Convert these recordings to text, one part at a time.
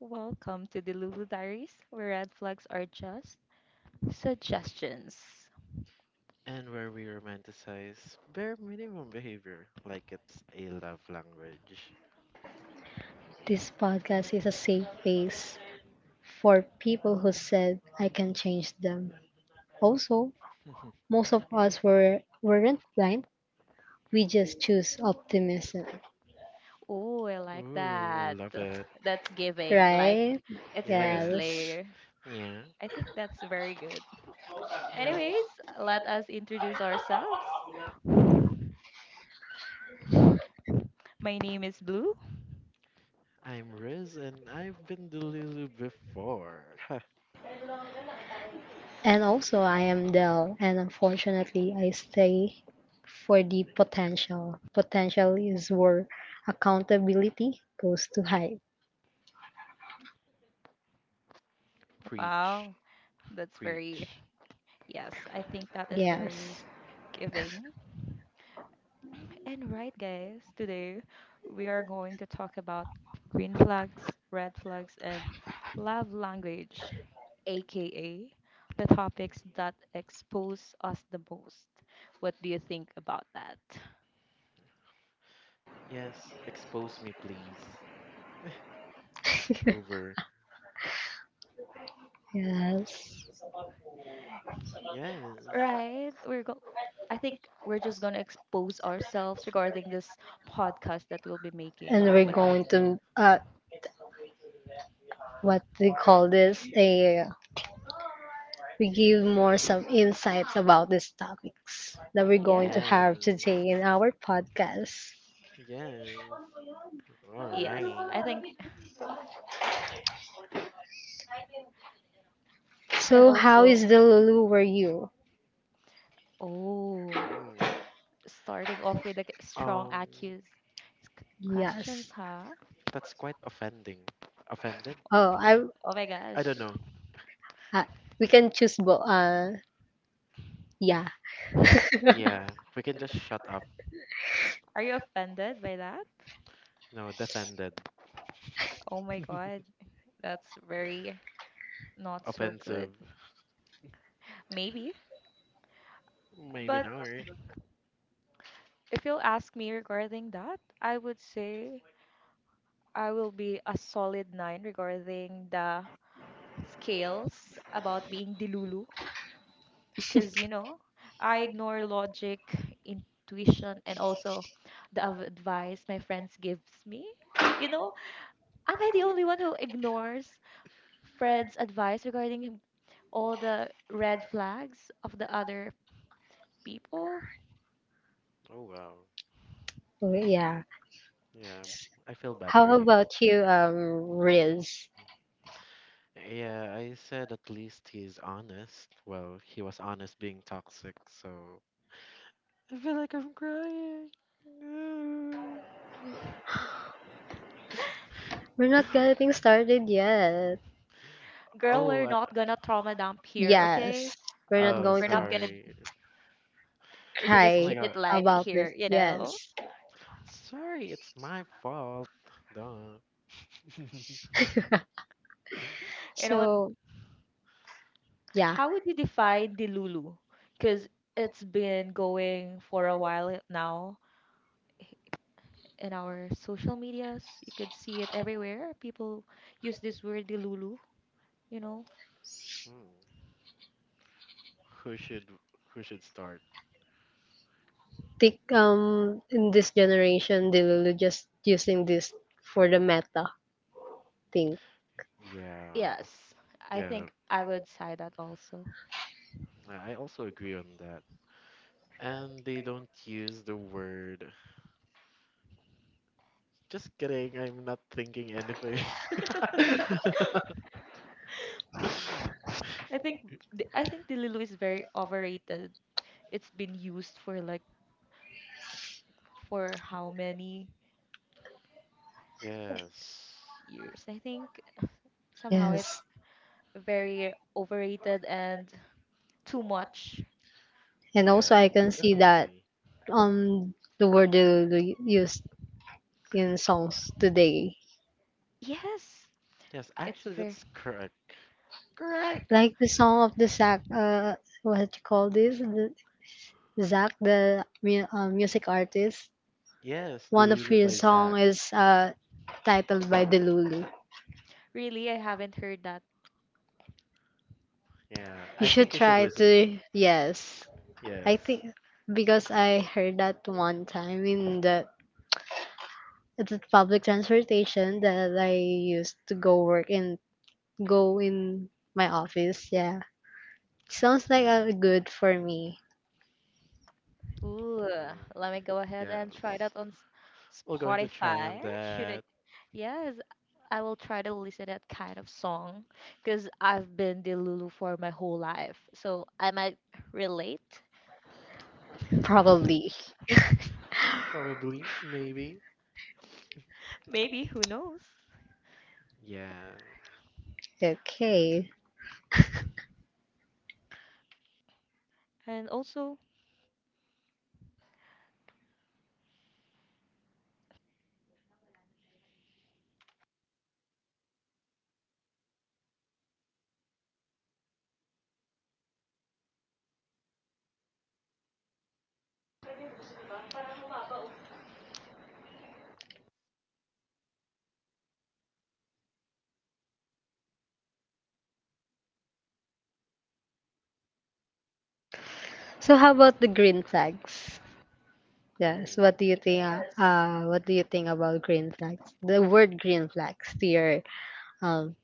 Welcome to the Lulu Diaries, where red flags are just suggestions. And where we romanticize bare minimum behavior like it's a love language. This podcast is a safe place for people who said I can change them. Also, most of us weren't blind. We just choose optimism, Oh, I like Ooh, I that. love it. That's giving. Like, right? it's very Yeah, Yes. Slayer. yeah. I think that's very good. Anyways, let us introduce ourselves. My name is Blue. I'm Riz and I've been Delulu before. And also, I am Dell, and unfortunately, I stay for the potential. Potential is where accountability goes to hide. Preach, Wow, that's very, preach. yes, I think that is very Yes. giving. And right, guys, today we are going to talk about green flags, red flags, and love language, aka the topics that expose us the most. What do you think about that? Yes, expose me, please. Over. Yes. Yes, Right, I think we're just going to expose ourselves regarding this podcast that we'll be making. And we're What? going to what they call this, a we give more some insights about these topics that we're going to Yes, have today in yes, our podcast. yes. All yes, right. I think, and So how is also, the Lulu were you? oh. Mm. Starting off with a strong Um, accuse Yes. questions, huh? that's quite offending. Offended? Oh, Of- I Oh my I don't gosh. know. uh, we can choose both. Yeah. Yeah, we can just shut up. Are you offended by that? No, defended. Oh my god. That's very not so good. Offensive. Maybe. Maybe But not. if you'll ask me regarding that, I would say I will be a solid nine regarding the scales about being dilulu. Because I ignore logic, intuition, and also the advice my friends gives me you know am I the only one who ignores friends advice regarding all the red flags of the other people? Oh, wow. Oh, yeah. Yeah, I feel bad for How you. about you, Riz? Yeah, I said at least he's honest. Well, he was honest being toxic, so. I feel like I'm crying. No. We're not getting started yet. Girl, Oh, we're not gonna trauma dump here, Yes. okay? We're not oh, going we're not to. gonna sorry. we should just Oh Cry my keep it god. light about here this. you know Yes. Sorry, it's my fault. Duh. You know what, So yeah, how would you define the lulu? Because it's been going for a while now in our social medias. You could see it everywhere. People use this word dilulu, you know. Hmm. Who should who should start? Think in this generation Delulu just using this for the meta thing. Yeah, Yes, I yeah. think I would say that also. I also agree on that. And they don't use the word. Just kidding, I'm not thinking anything. I think dilulu is very overrated. It's been used for how many Yes. years? I think somehow Yes. it's very overrated and too much. And also Yes, I can see that definitely. The word Delulu used in songs today. Yes, Yes, it's actually, very. that's correct. Correct. Like the song of the Zach, what you call this? Zach, the music artist. Yes, The One of Lulu by his Zach. song is titled by Delulu. Really, I haven't heard that. Yeah, You I think should you should try listen to him. to, yes. I Yes. think because I heard that one time in the it's a public transportation that I used to go work in, go in my office. Yeah, sounds like Yeah. a good for me. Ooh, Uh, let me go ahead and try yes. that on We're going to try on Spotify. Should I? that. Yes, I will try to listen that kind of song because I've been the Lulu for my whole life. So I might relate. Probably. Probably. Maybe. Maybe, who knows? Yeah. Okay. And also, So how about the green flags? Yes. Mm. What do you yes, think? What do you think about green flags? The word green flags to your um.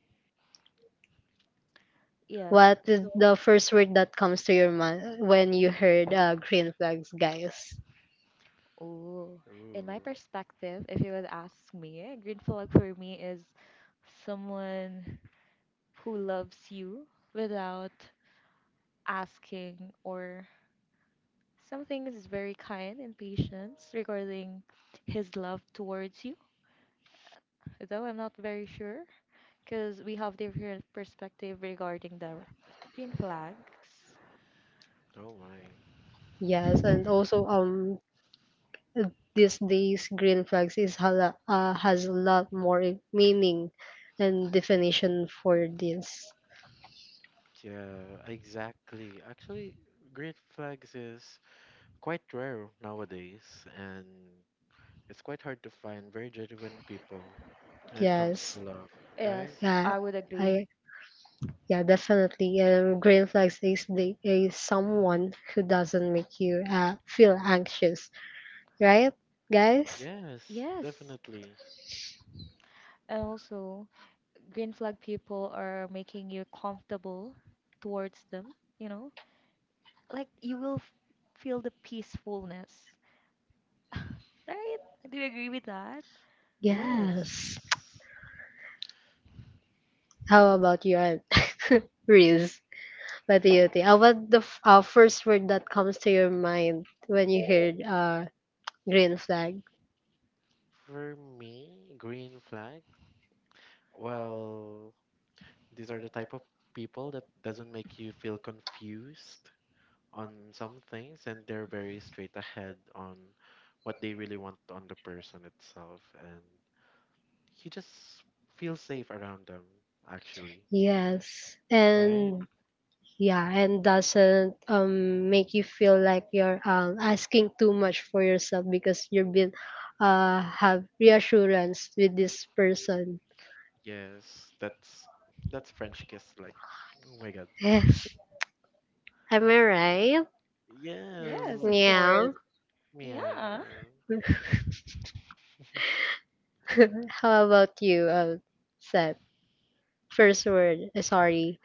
yes. What is So, the first word that comes to your mind when you heard green flags, guys? ooh, in my Ooh. perspective, if you would ask me, a green flag for me is someone who loves you without asking or something is very kind and patient regarding his love towards you, though I'm not very sure because we have different perspective regarding the green flags. Oh my. Yes, and also these days green flags is hala has a lot more meaning and definition for this. Yeah, exactly. Actually, green flags is quite rare nowadays, and it's quite hard to find very genuine people when it comes to Yes. love, right? Yes, Yeah. I would agree. I yeah, definitely. Green flags is the is someone who doesn't make you feel anxious, right, guys? Yes, Yes. definitely. And also, green flag people are making you comfortable towards them, you know? Like you will feel the peacefulness. Right? Do you agree with that? Yes. Yes. How about you, Aunt, Riz? What do you think? First word that comes to your mind when you heard green flag? For me, green flag. Well, these are the type of people that doesn't make you feel confused on some things, and they're very straight ahead on what they really want on the person itself, and you just feel safe around them, actually, Yes right? and yeah, and doesn't make you feel like you're asking too much for yourself, because you've been have reassurance with this person. Yes, that's french kiss, like, oh my god. Yes, am I right? Yes, of Yes. course. Yeah. Yeah. Yeah. How about you, Seth? First word, sorry.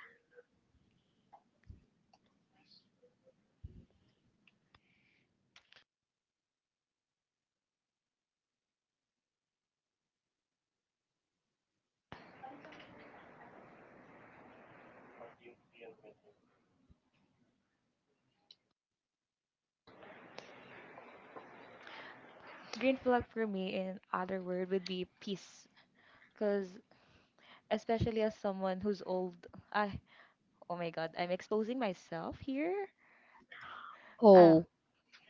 Green flag for me, in other word, would be peace. Because especially as someone who's old, I oh my god, I'm exposing myself here. Oh, Oh,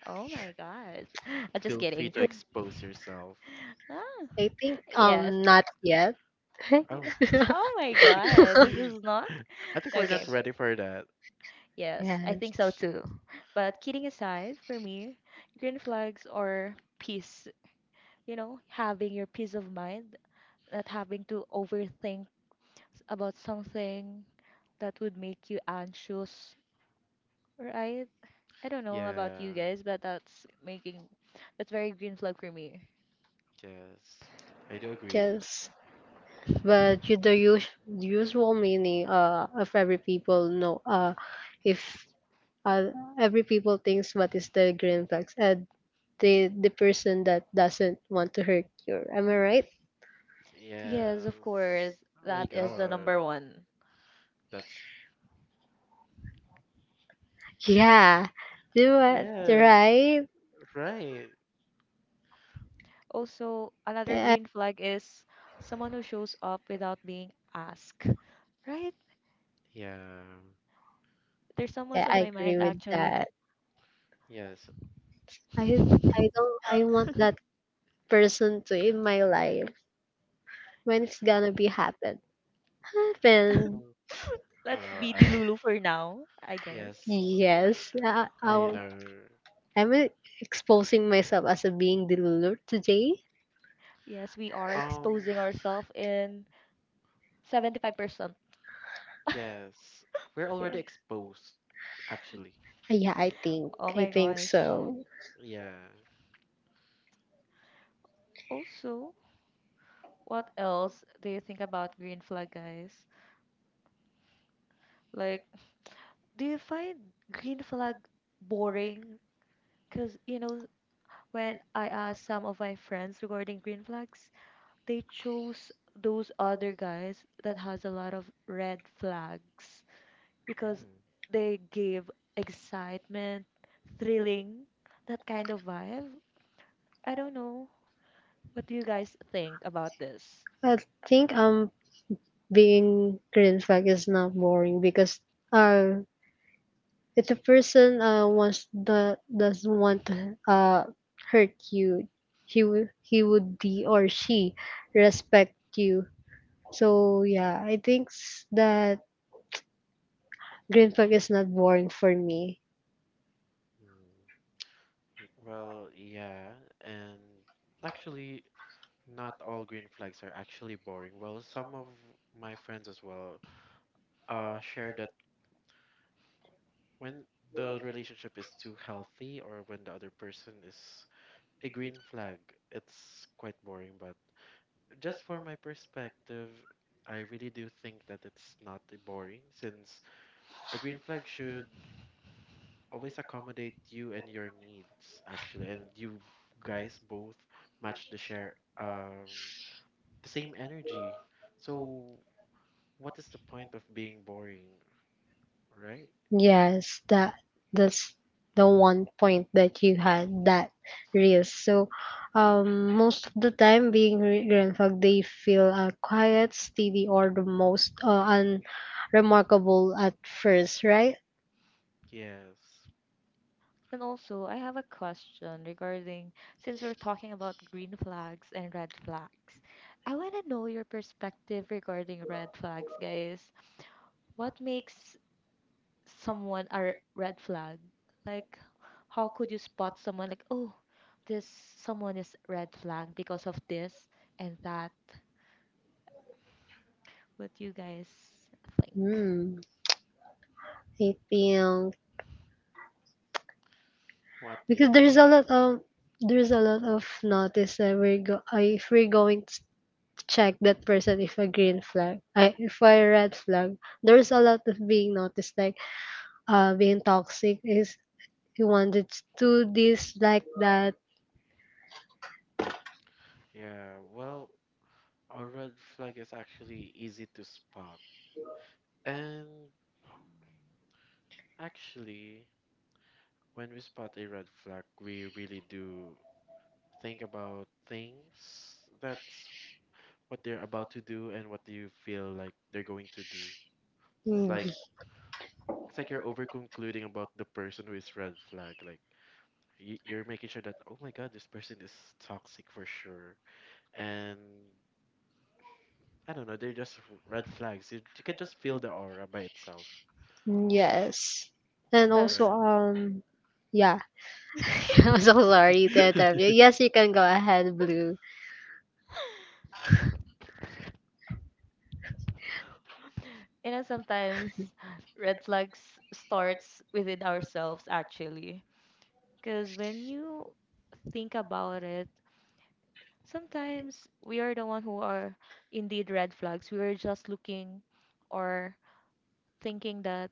oh my god, I'm just Feel free kidding. to expose yourself. Ah, I think yes. Not yet. Oh, Oh my god, this is not I think we're okay. not ready for that. Yes, I Yes, think so too. But kidding aside, for me, green flags are peace. Having your peace of mind, not having to overthink about something that would make you anxious, right? I don't know about Yeah, you guys, but that's very green flag for me. yes, I do agree. just but you, the usual meaning, of every people know, if uh, every people thinks what is the green flags, and the person that doesn't want to hurt you, am I right? Yes, of Yes. course, Oh my that is the god, number one. that's Yeah, do it yes, right. right, Also, I, another eh, green flag is someone who shows up without being asked, right? yeah, There's someone's yeah, on I my agree mind with actually. that. yes. i i don't I want that person to in my life. When it's gonna be happen? Uh, Happen. Oh, uh, Let's be I- the Lulu for now, I guess. Yes, Yes. Our I know. I'm, exposing myself as a being delulu today. Yes, we are Um, exposing ourselves in 75%. yes, we're already exposed, actually. Yeah, I think. Oh I my think gosh. so. Yeah. Also, what else do you think about green flag, guys? Like, do you find green flag boring? Because, when I asked some of my friends regarding green flags, they chose those other guys that has a lot of red flags because Mm, they gave excitement, thrilling, that kind of vibe. I don't know. What do you guys think about this? I think being green flag is not boring because, uh if the person wants, the doesn't want to hurt you, he would be, or she respect you. So yeah, I think that green flag is not boring for me. mm. Well, yeah, and actually, not all green flags are actually boring. Well, some of my friends as well share that when the relationship is too healthy or when the other person is a green flag, it's quite boring. But just for my perspective, I really do think that it's not boring since a green flag should always accommodate you and your needs actually, and you guys both match the share the same energy. So what is the point of being boring, right? Yes, that that's the one point that you had, that risk. So, most of the time, being grandfag, they feel quiet, steady, or the most unremarkable at first, right? Yes. And also, I have a question regarding since we're talking about green flags and red flags. I want to know your perspective regarding red flags, guys. What makes someone a red flag? Like, how could you spot someone like, oh, this someone is red flag because of this and that? What do you guys think? Hmm. Hmm. I think What do you because there's a think? lot of, there's a lot of notice that we're go if we're going to check that person, if a green flag, I if a red flag, there's a lot of being noticed, like being toxic is, you wanted to do this like that. Yeah, well, a red flag is actually easy to spot. And actually, when we spot a red flag, we really do think about things. That's what they're about to do and what do you feel like they're going to do. It's Mm, like it's like you're over concluding about the person who is red flag. Like, you're making sure that oh my god, this person is toxic for sure. And I don't know, they're just red flags. You can just feel the aura by itself, Yes, yes, and also sometimes right? Yeah. I'm so sorry to interrupt you, yes, you can go ahead, Blue. you know sometimes red flags starts within ourselves actually. Because when you think about it, sometimes we are the one who are indeed red flags. We are just looking or thinking that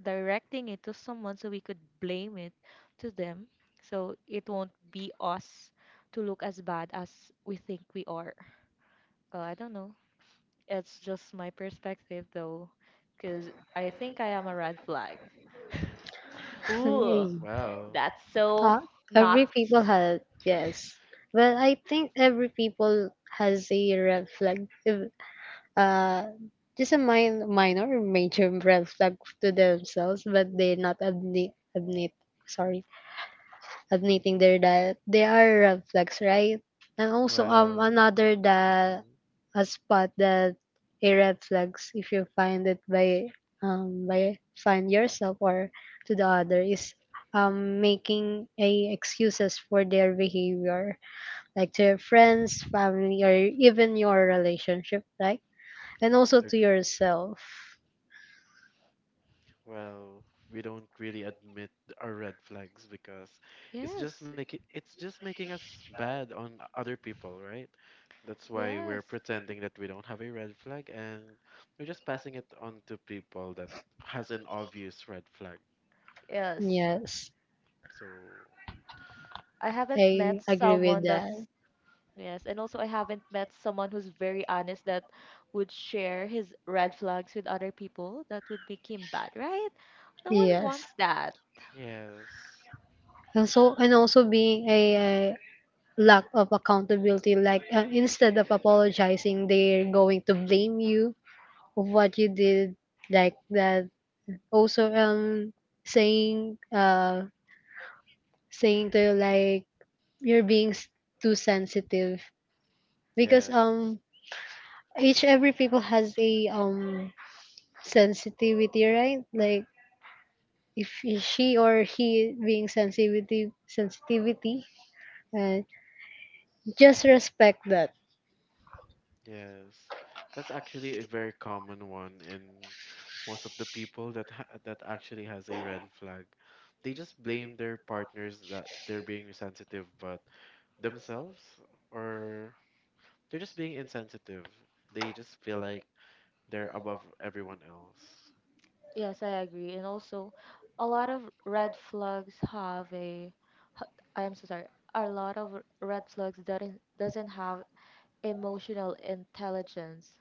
directing it to someone so we could blame it to them. So it won't be us to look as bad as we think we are. I don't know. It's just my perspective though, because I think I am a red flag. Ooh, Hey, Wow. that's so uh, not. every people has, yes, well I think every people has a red flag, uh just a minor or major red flag to themselves, but they not admit, admit sorry admitting there that they are red flags, right? And also Well, another that mhm, a spot, that a red flags, if you find it by find yourself, or to the other, is making a excuses for their behavior, like to your friends, family, or even your relationship, right? And also to agree. yourself. Well, we don't really admit our red flags because it's just Yes. making it's just making us bad on other people, right? That's why we're Yes, pretending that we don't have a red flag and we're just passing it on to people that has an obvious red flag. yes. Yes, So, I haven't I met agree with someone that. that's. Yes, and also I haven't met someone who's very honest that would share his red flags with other people. That would make him bad, right? No one Yes. wants that. yes. And so and also being a lack of accountability, like instead of apologizing they're going to blame you of what you did, like that. Also saying, saying to you like, you're being too sensitive, because Yes. Each every people has a sensitivity, right? Like if she or he being sensitivity, uh, just respect that. Yes, that's actually a very common one in most of the people that ha that actually has a red flag. They just blame their partners that they're being insensitive, but themselves or they're just being insensitive. They just feel like they're above everyone else. Yes, I agree. And also, a lot of red flags have a ha- I am so sorry. A lot of red flags that doesn't have emotional intelligence.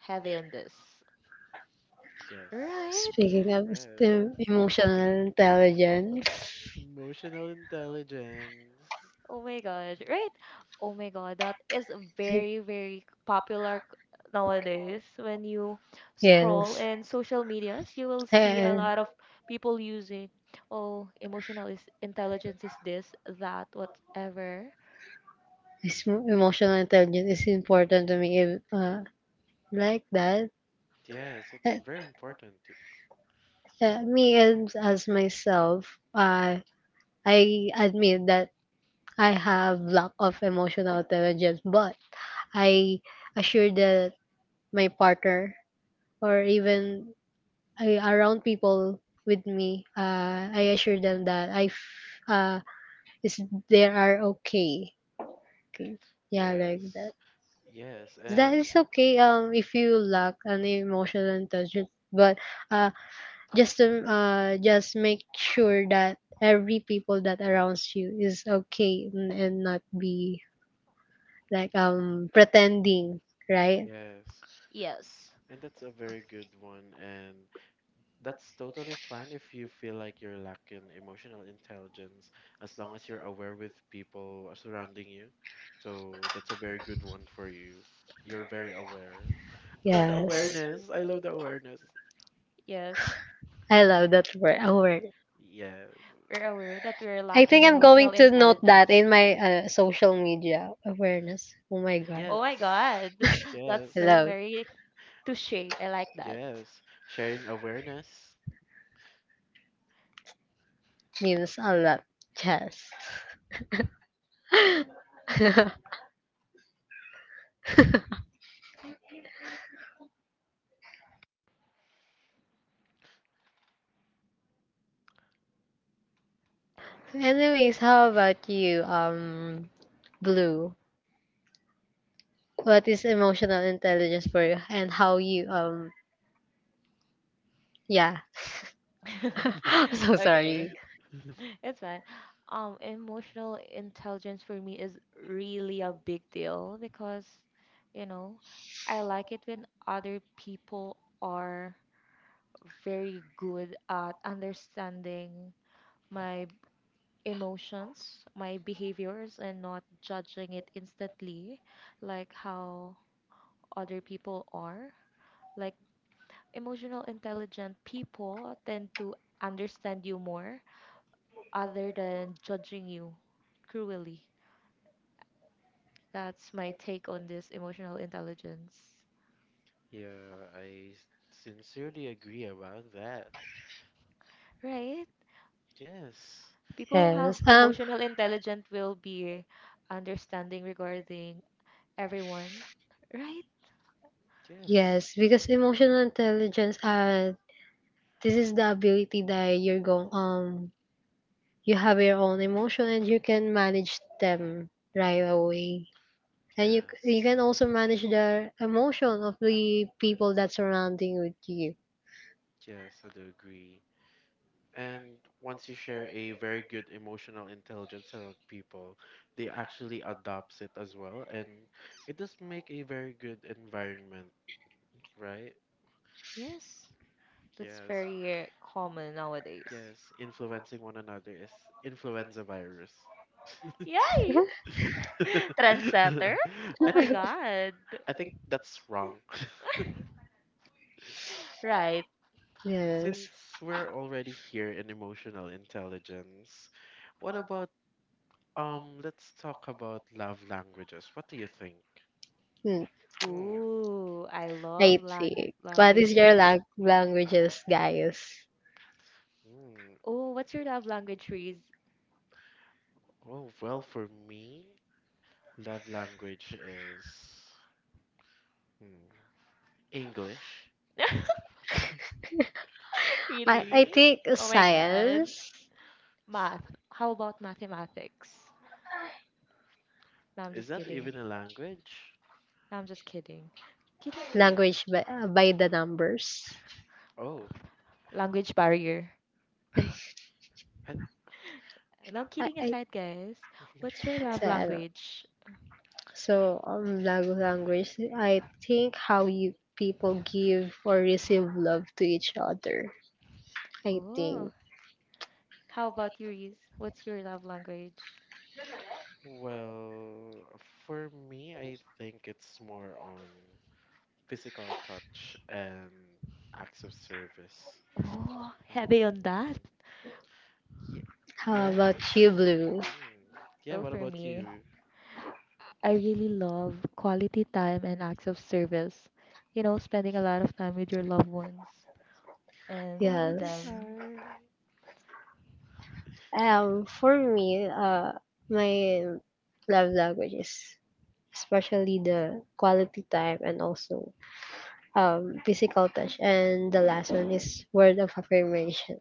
Heavy on this, Yes, right? Speaking of red. the emotional intelligence, Emotional intelligence. Oh my god! Right? Oh my god, that is like, very, very popular nowadays. When you scroll yes, in social medias, you will see a and lot of people using, oh, emotional is intelligence is this, that, whatever. it's emotional intelligence is important to me. If, Like that. Yes, it's Uh, very important. As myself, I admit that I have lack of emotional intelligence, but I assure that my partner, or even I, around people with me, I assure them that I f- is there are okay. Okay. Yeah, like Yes. that. Yes, That and is okay. If you lack an emotional intelligence, but uh, just to just make sure that every people that arounds you is okay, and not be like pretending, right? yes. Yes, And that's a very good one, and that's totally fine if you feel like you're lacking emotional intelligence, as long as you're aware with people surrounding you. So that's a very good one for you. You're very aware. I love the Yes, awareness. I love the awareness. yes. I love that word. Aware. Yes. We're aware that we're I lacking think I'm emotional going to note that intelligence. in my social media awareness. Oh my god, Oh my Yes. god, that's I Yes. so love very touche. I like that. Yes. Sharing awareness. memes a lot. Yes. Anyways, how about you, Blue? What is emotional intelligence for you, and how you, yeah. So Okay. sorry. It's fine. Emotional intelligence for me is really a big deal because, you know, I like it when other people are very good at understanding my emotions, my behaviors, and not judging it instantly, like how other people are. Like emotional intelligent people tend to understand you more other than judging you cruelly. That's my take on this emotional intelligence. Yeah, I sincerely agree about that. Right? Yes. People who have Yes. Emotional intelligence will be understanding regarding everyone. Right? Yes. Yes, because emotional intelligence. This is the ability that you're going. You have your own emotion and you can manage them right away. And you you Yes. can also manage the emotion of the people that surrounding with you. Yes, I do agree. And once you share a very good emotional intelligence around people, they actually adopts it as well, and it does make a very good environment, right? Yes. That's Yes, very common nowadays. yes. Influencing one another is influenza virus. Yay! Trendsetter? Oh I my think god. I think that's wrong. Right. Yes. Since we're already here in emotional intelligence, what about let's talk about love languages. What do you think? Hmm. Hmm. Ooh, I love I think. What is your languages. Languages, guys? Hmm. Oh, what's your love language, Reese? Oh, well, for me, love language is hmm, English. I Really? think Oh my god. science. Is, Math. How about mathematics? No, I'm is just that kidding. even a language? No, I'm just kidding. Kidding. Language by the numbers. Oh, Language barrier. I, No, kidding I aside, guys. What's your so, love ano, language? so language, I think how you people give or receive love to each other. I Oh, think. how about you, Reese? What's your love language? well, for me, I think it's more on physical touch and acts of service. Oh, heavy on Hmm. that. Ye- How yes, about it's. you, Blue? Hmm. Yeah, Go what for about me. you? I really love quality time and acts of service. Spending a lot of time with your loved ones and Quality Yes. them. time. For me, my love language is especially the quality time, and also physical touch. And the last one is word of affirmation.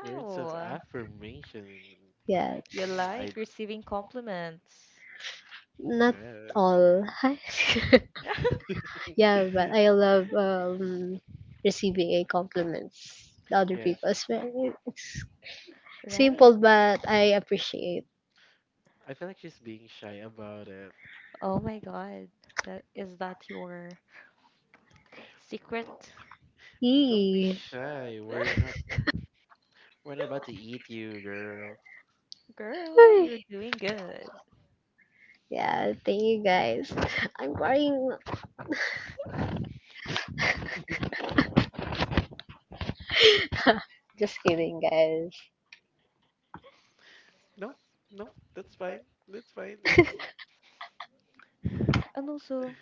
Words of affirmation. Yeah, You Mm, I like receiving compliments. not guess. all. Yeah, but I love receiving a compliments the other Yeah, people. It's Right. simple, but I appreciate. I feel like she's being shy about it. Oh my god. That is that your secret? Don't be Yee. shy. We're not. We're not about to eat you, girl. Girl, Ay. you're doing good. Yeah, thank you guys. I'm crying. Just kidding, guys. Nope. Nope. That's fine. That's fine. It's. And also,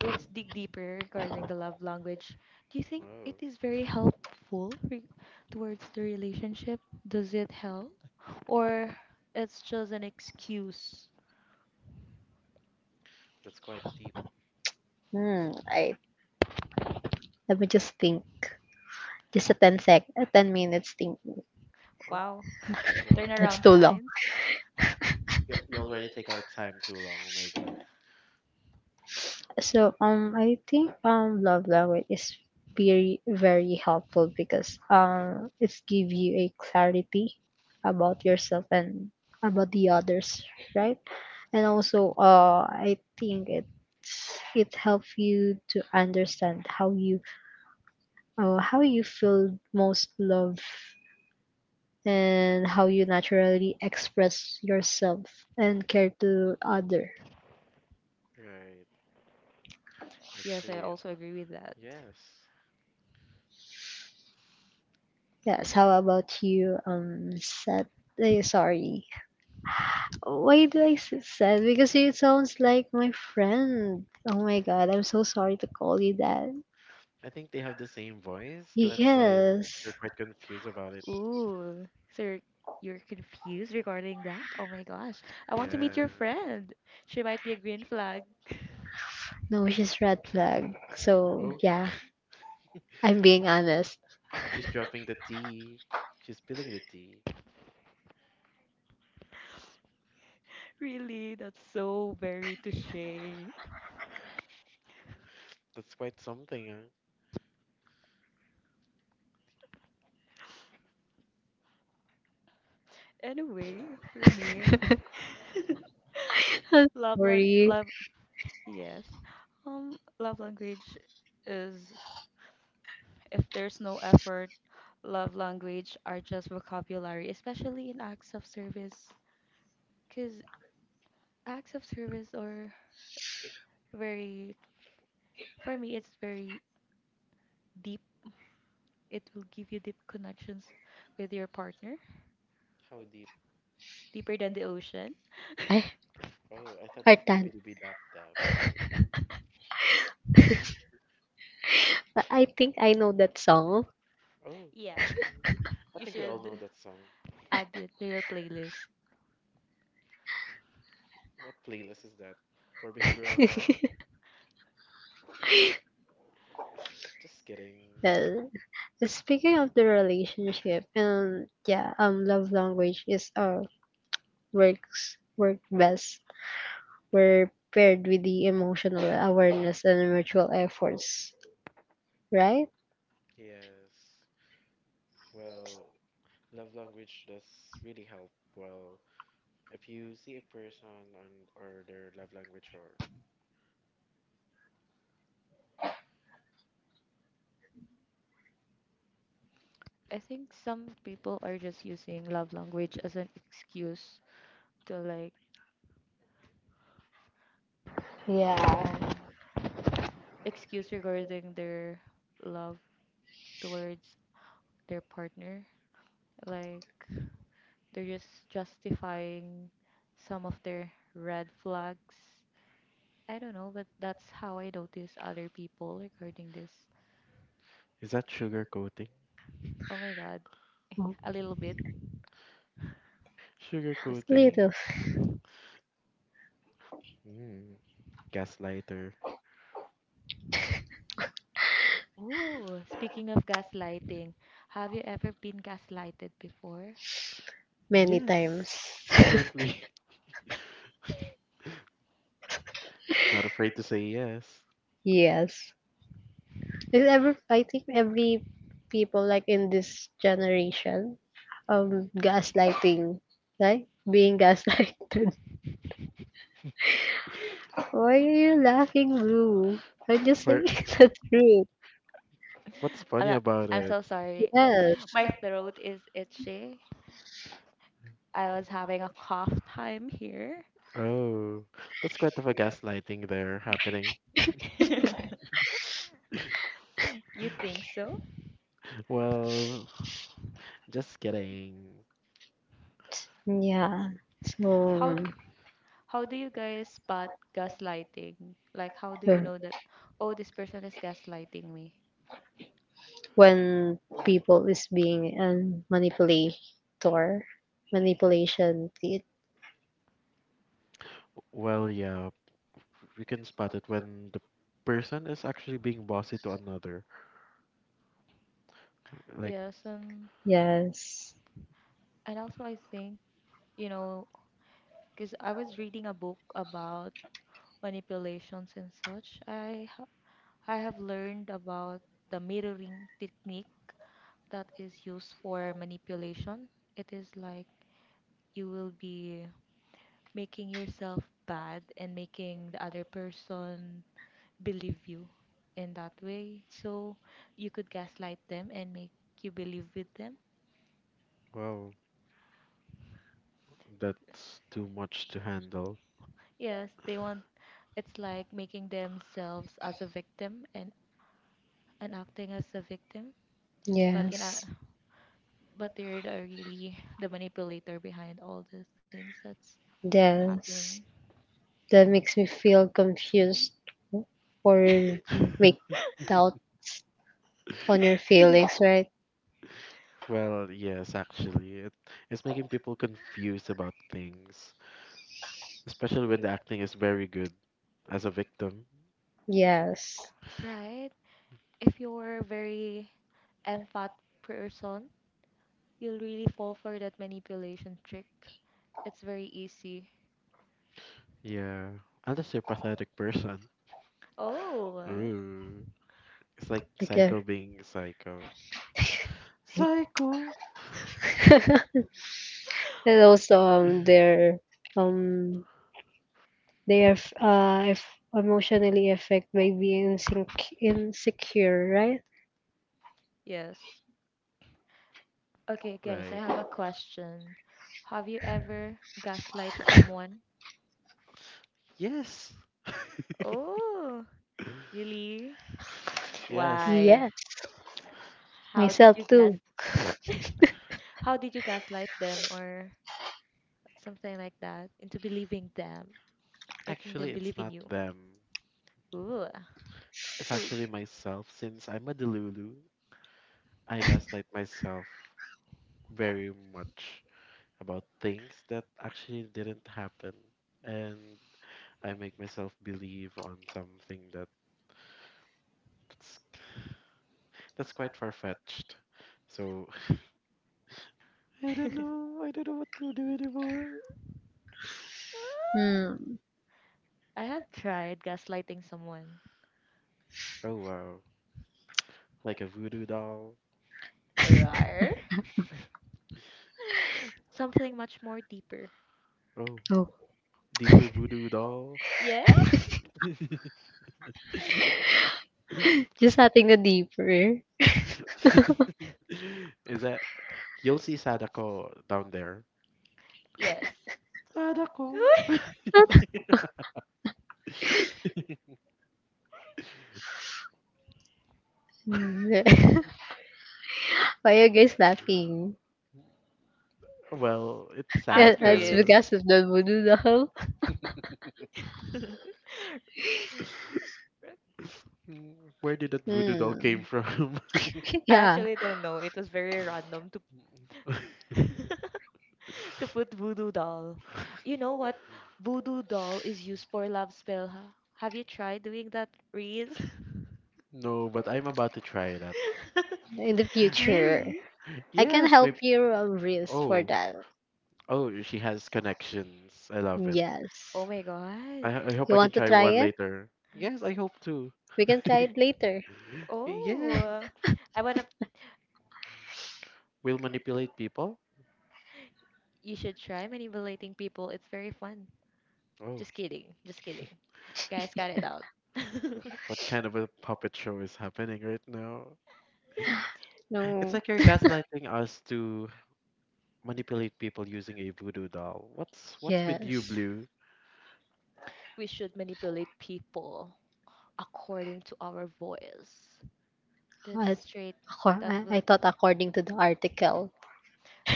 let's dig deeper regarding the love language. Do you think Wow. it is very helpful towards the relationship? Does it help? Or it's just an excuse? That's quite deep. Hmm. I Let me just think. Just a 10 sec, a 10 minutes think. Oh. Wow. Wow. That's Turnaround too long. times? You already take our time too long. Oh my god. So I think love language is very very helpful because it's give you a clarity about yourself and about the others, right? And also I think it helps you to understand how you, how you feel most love, and how you naturally express yourself and care to other. Right. Yes, I Actually, also agree with that. yes. Yes, how about you, Seth? Sorry. Why do I say Seth? Because it sounds like my friend. Oh my god, I'm so sorry to call you that. I think they have the same voice. That's why Yes. they're quite confused about it. Ooh, so you're confused regarding that? Oh my gosh. I want to Yeah. meet your friend. She might be a green flag. No, she's red flag. So, Oh, yeah, I'm being honest. she's dropping the tea. She's spilling the tea. Really, that's so very touche. That's quite something, huh? Anyway, for me, I'm love like sorry. love, yes. Love language is if there's no effort, love language are just vocabulary, especially in acts of service. Because acts of service are very, for me, it's very deep. It will give you deep connections with your partner, How deep? deeper than the ocean. Ay, Oh, I thought it's Artan. Doobie Doobie Dap Dap. I think I know that song. Oh, Yeah, mm. I you think we all should know that song. add it to your playlist. What playlist is that? For behavioral health? Just kidding. Well, speaking of the relationship, and yeah, love language is work best where paired with the emotional awareness and mutual efforts, right? Yes. Well, love language does really help. Well, if you see a person on or their love language or, I think some people are just using love language as an excuse to like Yeah. um excuse regarding their love towards their partner. Like they're just justifying some of their red flags. I don't know, but that's how I notice other people regarding this. is that sugar coating? Oh my god, a little bit. Sugar Just coating. kidding. Little, Mm. Gaslighter. Ooh, speaking of gaslighting, have you ever been gaslighted before? many Yes, times. definitely. Not afraid to say yes. Yes, is every I think every people, like in this generation, gaslighting, right? Being gaslighted. Why are you laughing, Blue? I'm just For saying the truth. what's I'm funny not- about I'm it? so sorry. Yes. My throat is itchy. I was having a cough time here. Oh, that's quite of a gaslighting there happening. You think so? Well, just kidding. Yeah. How So how do you guys spot gaslighting? Like, how do uh, you know that, oh, this person is gaslighting me? when people is being a manipulator, manipulation. It, Well, yeah, we can spot it when the person is actually being bossy to another. Like, Yes, yes. and also I think, you know, because I was reading a book about manipulations and such. I have learned about the mirroring technique that is used for manipulation. It is like you will be making yourself bad and making the other person believe you in that way. So you could gaslight them and make you believe with them. wow, that's too much to handle. Yes, they want it's like making themselves as a victim and, acting as a victim, but in a Yes. but they're the really the manipulator behind all the things that's Yes. happening, That makes me feel confused, or make doubts on your feelings, right? Well, yes, actually, it's making people confused about things. Especially when the acting is very good as a victim. Yes. right? If you're a very empath person, you'll really fall for that manipulation trick. It's very easy. Yeah. Unless you're a pathetic person. Oh, Ooh. It's like Because psycho being psycho. Psycho! and also their um they are if emotionally affected by being insecure, right? yes. Okay, guys, I Right. have a question. Have you ever gaslight someone? Yes. Oh, really? Yes. Why? Yes, How did you myself gas? too. How did you gaslight them or something like that, into believing them, making Actually, them it's believe in not you. them. Ooh, It's who? actually myself since I'm a Delulu. I gaslight myself very much about things that actually didn't happen. And I make myself believe on something. That's That's quite far fetched. So I don't know. I don't know what to do anymore. Hmm. I have tried gaslighting someone. Oh wow. Like a voodoo doll. Rar? Something much more deeper. Oh, Oh, deeper voodoo doll. Yeah? just nothing a deeper. Is that you'll see Sadako down there. Yes. Sadako. Hmm. Why are you guys laughing? Well, it's That- Ask that's Sadako. Riz. because of the voodoo doll. I Mm, where did that voodoo doll came Hmm. from? Yeah, actually don't know. It was very random to to put voodoo doll. You know what? Voodoo doll is used for love spell, huh? Have you tried doing that, Riz? No, but I'm about to try that. in the future, Really? I can Yes, help my you, wrist for oh, that. oh, she has connections. I love it. Yes. Oh my god. I hope You I can want to try try one it? later. Yes, I hope to. We can try it later. Yes. Oh, I wanna. Will manipulate people? You should try manipulating people. It's very fun. Oh, Just kidding. Just kidding. Guys, got it out. what kind of a puppet show is happening right now? It's No. like you're gaslighting us to manipulate people using a voodoo doll. What's with you, Yes. Blue? We should manipulate people according to our voice. That's I straight. That I will. thought according to the article,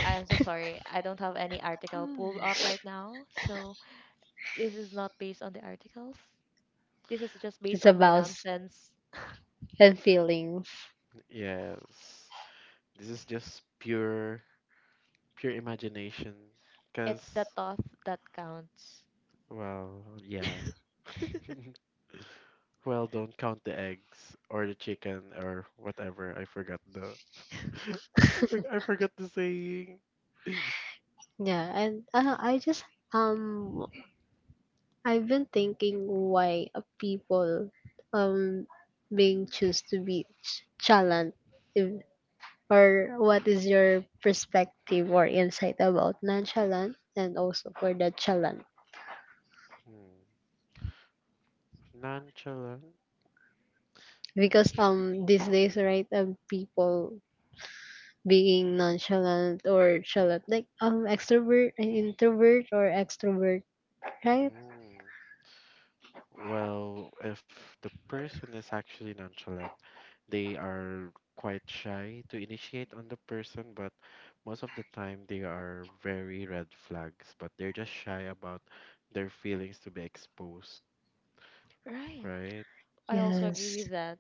I'm so sorry. I don't have any article pulled up right now. So this is not based on the articles. This is just based it's on my about nonsense. and feelings. Yes. This is just pure imagination. It's the Cause thought that counts. well, yeah. Well, don't count the eggs or the chicken or whatever. I forgot the. I forgot the saying. Yeah, and I just um I've been thinking why people um being choose to be chalant, if, or what is your perspective or insight about nonchalant and also for the chalant, Hmm. Nonchalant. because these days, right, people being nonchalant or chalant, like extrovert and introvert, or extrovert, right? Mm. Well, if the person is actually nonchalant, they are quite shy to initiate on the person, but most of the time they are very red flags, but they're just shy about their feelings to be exposed, Right. right? I also agree Yes with that.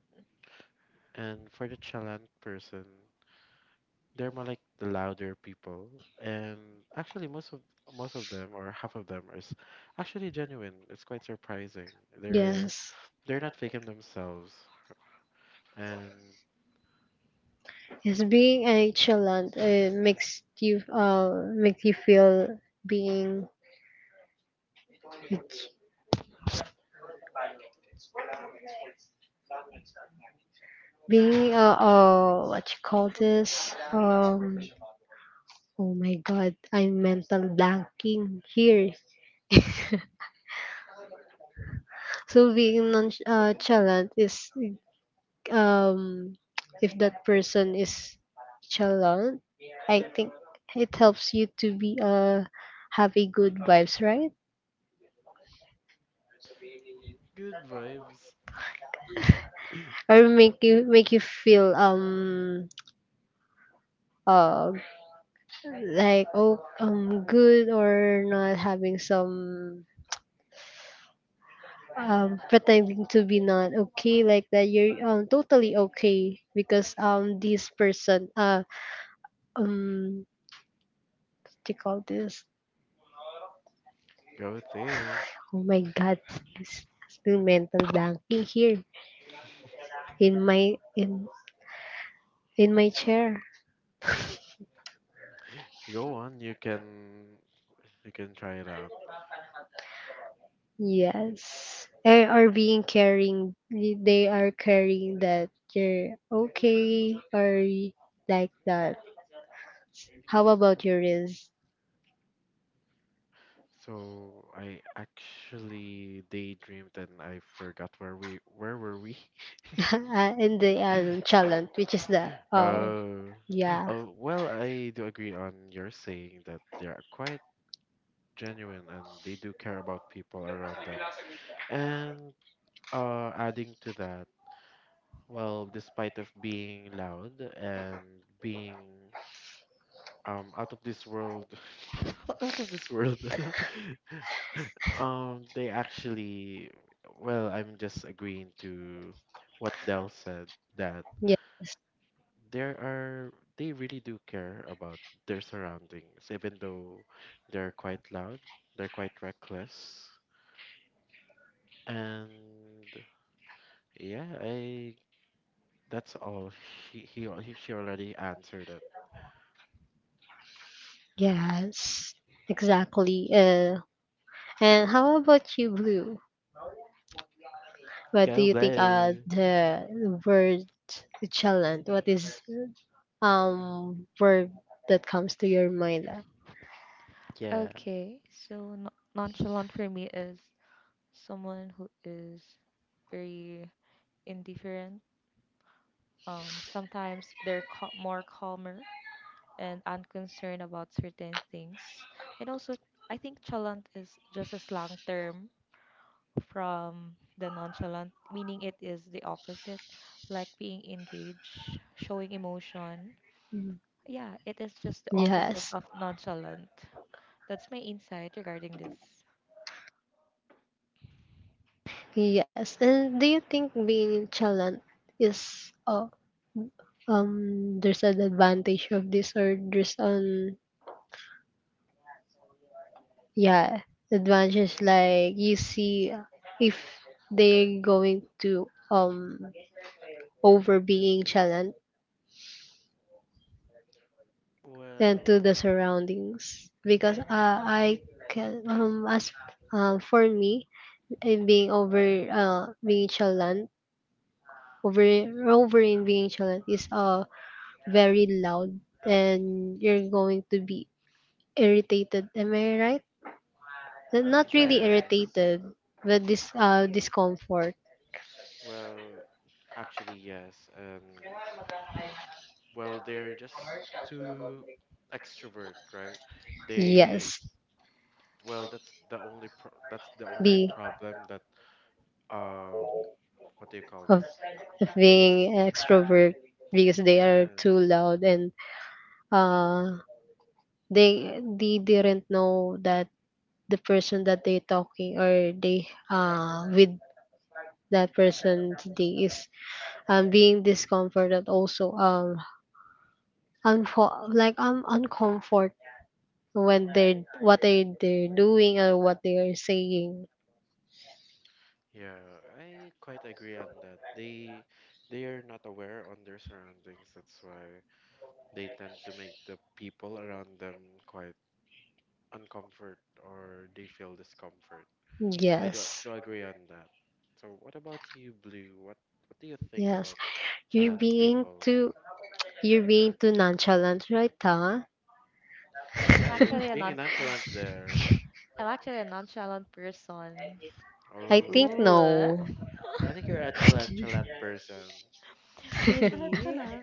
And for the chalant person, they're more like the louder people, and actually most of them or half of them is actually genuine. It's quite surprising. they're yes they're not faking themselves. And yes. Being a chalant, it makes you, make you feel being, what you call this, oh my god I'm mental blanking here. So being non chalant is um, if that person is chalant, I think it helps you to be have a good vibes, right? good vibes. Or make you feel uh like good, or not having some pretending to be not okay like that, you're totally okay because this person what do you call this? Go think. Oh my god, it's still mental blanking here in my in in my chair. Go on, you can try it out. Yes. Or being caring, they are caring that you're okay or like that. How about your is? So I actually daydreamed and I forgot where were we. In the challenge, which is the oh Oh, yeah. oh, well, I do agree on your saying that they are quite genuine and they do care about people around them. And adding to that, well, despite of being loud and being out of this world, out of this world, they actually, well, I'm just agreeing to what Dell said that Yes. there are they really do care about their surroundings, even though they're quite loud, they're quite reckless, and yeah, I. That's all. She he, he she already answered it. Yes. Exactly. And how about you, Blue? What do Go you think are blue. the word challenge? What is word that comes to your mind? Yeah. Okay, so nonchalant for me is someone who is very indifferent. Sometimes they're more calmer and unconcerned about certain things. And also, I think chalant is just a slang term from the nonchalant, meaning it is the opposite, like being engaged, showing emotion. Mm. Yeah, it is just the opposite Yes. of nonchalant. That's my insight regarding this. Yes. And do you think being chalant is there's an advantage of this, or there's an, yeah, advantage, like you see, if they're going to over being chalant and to the Well, surroundings, because mhm, I can as for me, being over being chalant over over in being challenged is very loud and you're going to be irritated. Am I right? Not Yeah. really yes. irritated, but this discomfort. Well, actually, yes. And well, they're just too extrovert, right? They Yes, well, that's the only pro that's the only be problem that um, what do you call of, this? of That's being extrovert because they are too yes. loud and uh they didn't know that the person that they talking or they with that person they is being discomforted also, uncomfort, when they're what they're doing or what they are saying. Yeah, I quite agree on that. They are not aware on their surroundings. That's why they tend to make the people around them quite uncomfort or they feel discomfort. So I do Yes. do agree on that. So what about you, Blue? What do you think Yes, about you're nonchalant being people? too, you're being too nonchalant, right, ta? Yeah, I'm you're actually a being a non nonchalant there. I'm actually a nonchalant person. I think Oh, Ooh. no. I think you're a chalant chalant person. Chalant Really? chalant.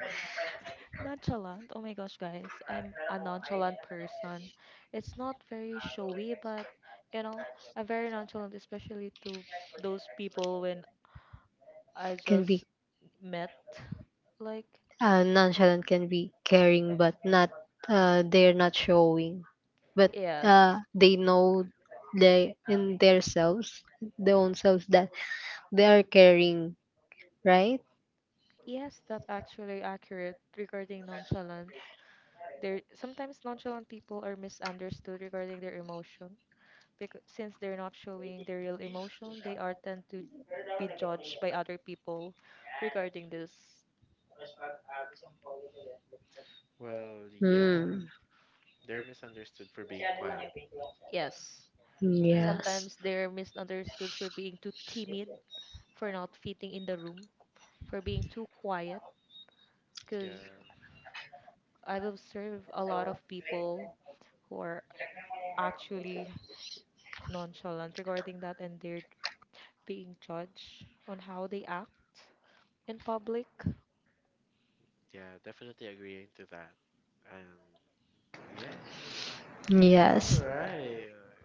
Nonchalant. Oh my gosh, guys. I'm a nonchalant person. It's not very showy, but you know, I'm very nonchalant, especially to those people when I Can just be met. Like, nonchalant can be caring but not they're not showing, but yes. They know they in their selves their own selves that they are caring, right? Yes, that's actually accurate regarding nonchalant. There sometimes nonchalant people are misunderstood regarding their emotion because since they're not showing their real emotion, they are tend to be judged by other people regarding this. Well, yeah, Hmm. they're misunderstood for being quiet, Yes, and Yes. sometimes they're misunderstood for being too timid, for not fitting in the room, for being too quiet. Because yeah, I've observed a lot of people who are actually nonchalant regarding that and they're being judged on how they act in public. yeah, definitely agreeing to that. And yeah, all Yes. right.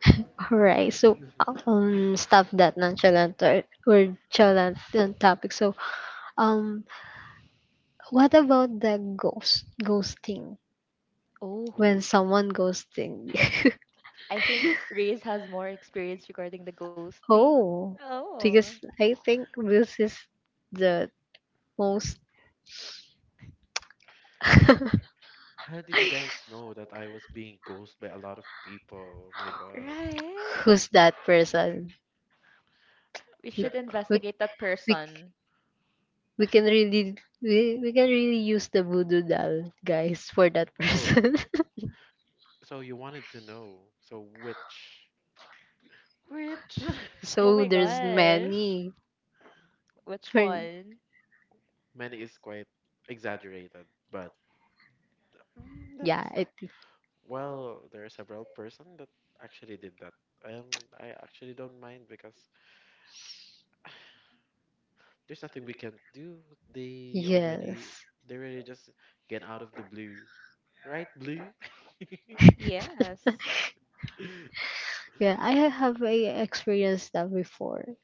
Alright, so stop that nonchalant or chalant topic. So, um, what about the ghost ghosting, Oh, when Ooh, someone ghosting? I think Reyes has more experience regarding the ghosting. Oh, Oh, because I think this is the most. like, how did you guys know that I was being ghosted by a lot of people? Oh my God. right. Who's that person? We The, We, should we, investigate that we, person. we can really, we can really use the voodoo doll, guys, for that oh, person. so you wanted to know. So which? Oh So my there's gosh. many. Which For, one? Many is quite exaggerated, but mm, that's yeah, it, well, there are several person that actually did that, and I actually don't mind because there's nothing we can do. They already yes. they already just get out of the blue. Right, blue? Yes. Yeah, I have a experienced that before.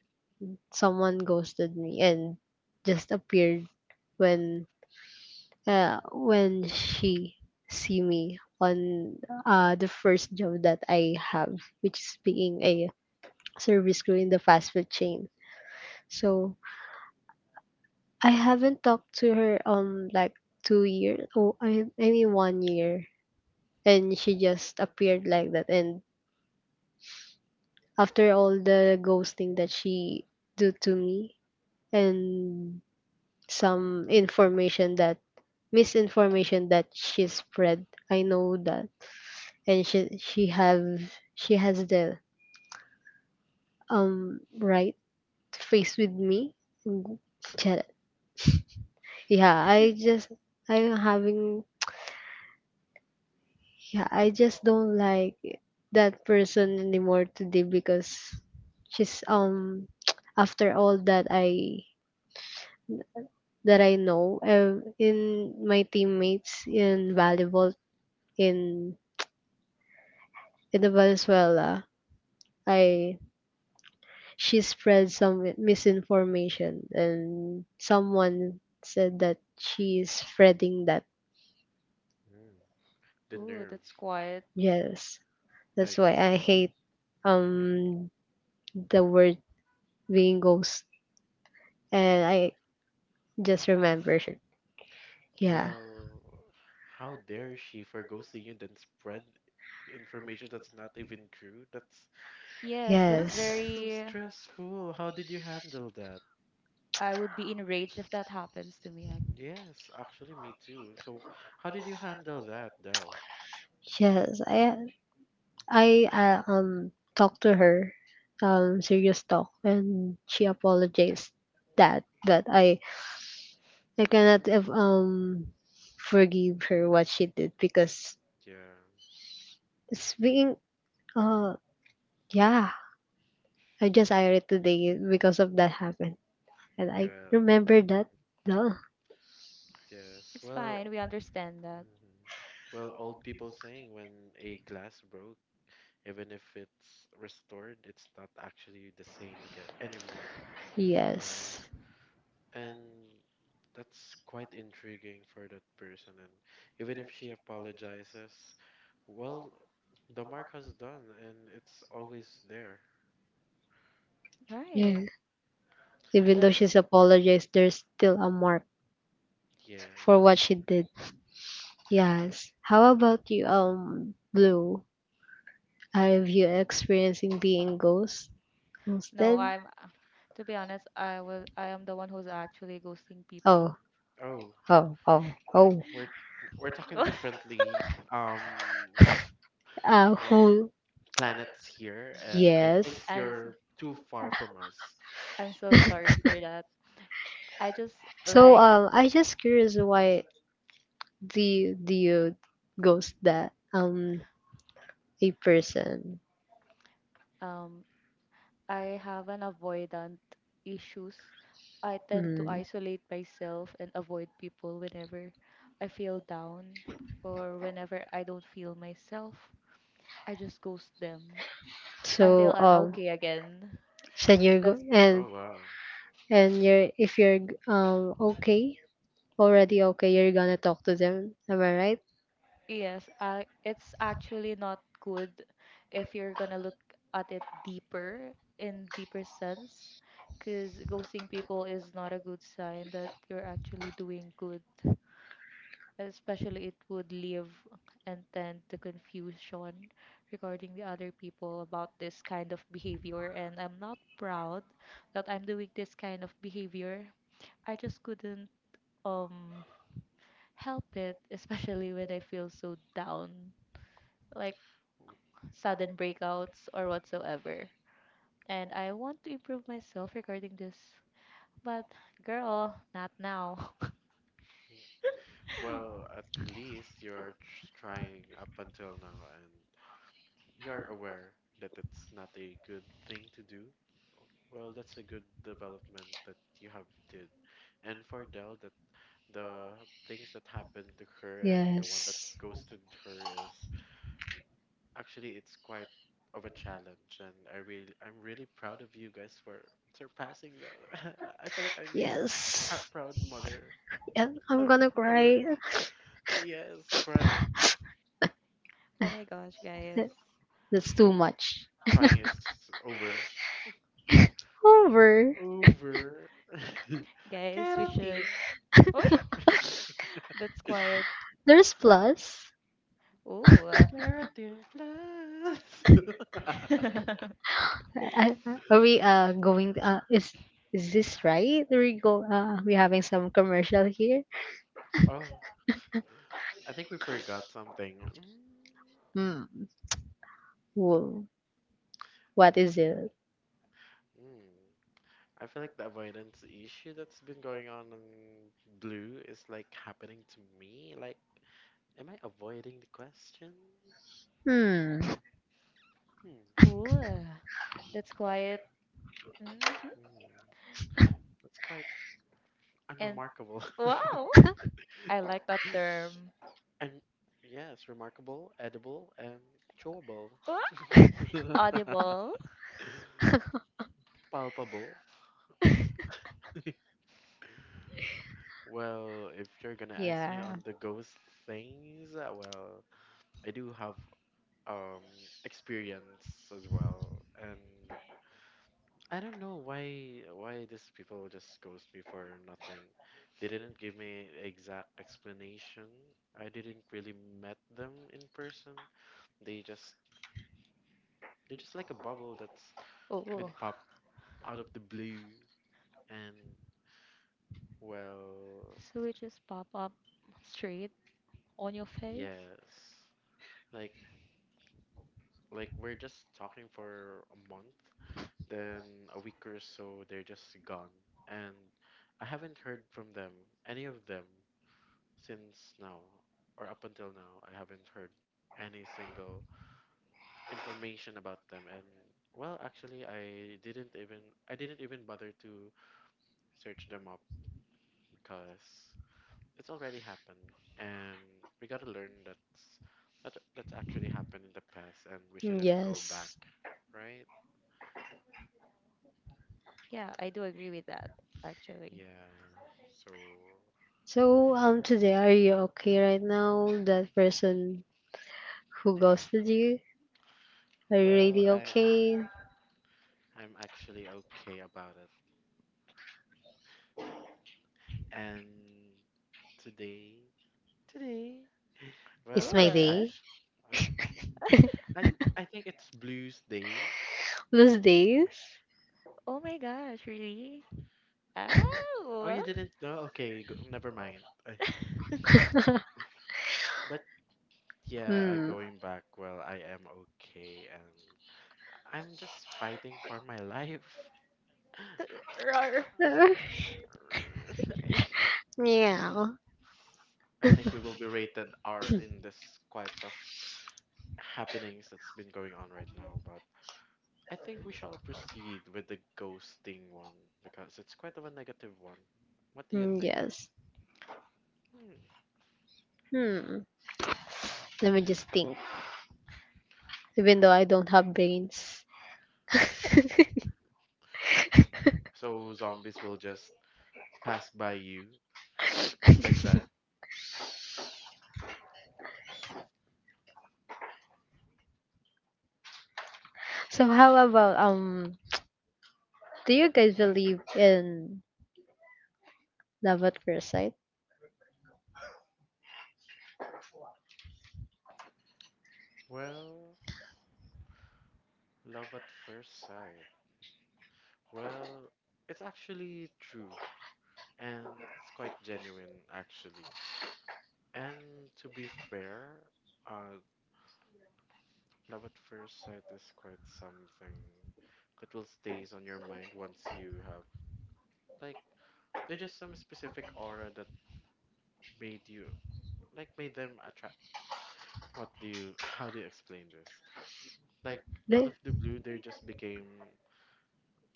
Someone ghosted me and just appeared when, when she see me on the first job that I have, which is being a service crew in the fast food chain. So I haven't talked to her like 2 years. Oh, I mean 1 year, and she just appeared like that. And after all the ghosting that she do to me, and some information that, misinformation that she spread, I know that, and she has the right to face with me. Mm, yeah, I just, I'm having, yeah, I just don't like that person anymore today because she's after all that I know in my teammates in volleyball in in the Venezuela, I, she spread some misinformation and someone said that she is spreading that. Mm, the Ooh, nerve. that's quiet. Yes, Like, that's why I hate um the word being ghost. And I just remember. Yeah. well, how dare she forgo seeing you then spread information that's not even true? Yes, that's That's Yes. so very. stressful. How did you handle that? I would be enraged if that happens to me. I- Yes, actually me too. So how did you handle that, Del? Yes. I talked to her, serious talk, and she apologized that that I cannot have, um, forgive her what she did because Yeah. it's being uh yeah, I just irate today because of that happened, and I Yeah. remember that duh. Yes. It's Well, fine. We understand that. mhm. Well, old people saying when a glass broke, even if it's restored, it's not actually the same again anymore, right? Yes. And that's quite intriguing for that person. And even if she apologizes, well, the mark has done, and it's always there. Yeah, Right. even though That's she's apologized, there's still a mark for what Yes. she did. But Yes. How about you, Blue? Have you experiencing being no, ghosted? I'm to be honest, I am the one who's actually ghosting Oh, people. oh, oh, oh, oh. we're we're talking differently. Um, Who? planets here, and I think Yes. And so- you're too far from us. I'm so sorry for that. I just So, like I just curious, why do you ghost that a person? um I have an avoidant issues. I tend to Mm. isolate myself and avoid people whenever I feel down or whenever I don't feel myself. I just ghost them until So, I'm okay again. said you're go That's Oh, wow. and you're, if you're okay, already okay, you're gonna talk to them. Am I right? yes, it's actually not good if you're gonna look at it deeper in deeper sense, because ghosting people is not a good sign that you're actually doing good. Especially, it would leave and tend the confusion regarding the other people about this kind of behavior. And I'm not proud that I'm doing this kind of behavior. I just couldn't um help it, especially when I feel so down like sudden breakouts or whatsoever. And I want to improve myself regarding this. But girl, not now. Well, at least you're trying up until now, and you're aware that it's not a good thing to do. Well, that's a good development that you have did. And for Dell, that the things that happened to her and the one that Yes. ghosted her is actually, it's quite of a challenge, and I'm really proud of you guys for surpassing the. I feel like I'm a Yes. proud mother, And I'm mother, gonna mother. cry. Yes, crying. Oh my gosh, guys. That's too Oh, much. crying is over. Over. Over. Guys, we should. Keratin, Oh, that's quiet. There's plus. Ooh. keratin plus. Are we going? Is this right? Are we go? We having some commercial here. Oh, I think we forgot something. Mm. Hmm. Whoa. What is it? Mm. I feel like the avoidance issue that's been going on in Blue is like happening to me. Like, am I avoiding the question? Hmm. Hmm. Ooh. That's quiet. Hmm. Hmm. That's quite And unremarkable. wow, I like that term. And yes, remarkable, edible, and chewable. Wah! Audible. Palpable. Well, if you're gonna ask me on Yeah. the ghost things, well, I do have um experience as well. And I don't know why these people just ghost me for nothing. They didn't give me exact explanation. I didn't really met them in person. They just they're just like a bubble that's Ooh. been popped out of the blue. And well, So it just pop up straight on your face. yes. Like like we're just talking for a month, then a week or so they're just gone. And I haven't heard from them, any of them. Since now, or up until now, I haven't heard any single information about them. And well, actually, I didn't even bother to search them up because it's already happened, and we gotta learn that that's actually happened in the past, and we shouldn't go back, Yes. right? Yeah, I do agree with that actually. Yeah. So, So today, are you okay right now? That person who ghosted you, are you well, really okay? I'm actually okay about it. And today, today It's well, my I'm Ooh. day. actually. I I think it's Blues Day. Those days? Oh my gosh, really? Oh, oh, Oh. you didn't know? Okay, go, never mind. I, but yeah, Hmm. going back. Well, I am okay, and I'm just fighting for my life. Roar. Uh, yeah. I think we will be rated R in this quite of happenings that's been going on right now, but I think we shall proceed with the ghosting one because it's quite of a negative one. What do you Hmm, think? yes. Hmm. Hmm. Let me just think. Even though I don't have brains. So zombies will just pass by you just like that? So how about um? Do you guys believe in love at first sight? Well, love at first sight. Well, it's actually true and it's quite genuine actually. And to be fair, uh, love at first sight is quite something that will stays on your mind once you have like there's just some specific aura that made you like made them attract. What do you? How do you explain this? Like out Like, of the blue, they just became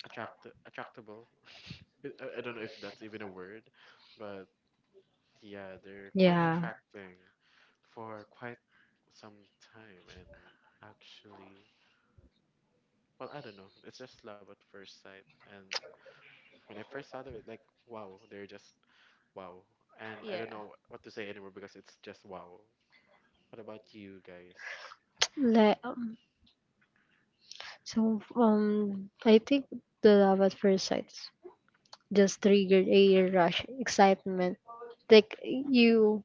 attractable. I don't know if that's even a word, but yeah, they're quite yeah. attracting for quite some time and actually well, I don't know. It's just love at first sight. And when I first saw them, it like wow, they're just wow. And I don't Yeah. know what to say anymore because it's just wow. What about you guys? Like. So I think the love at first sight just triggered a rush excitement. Like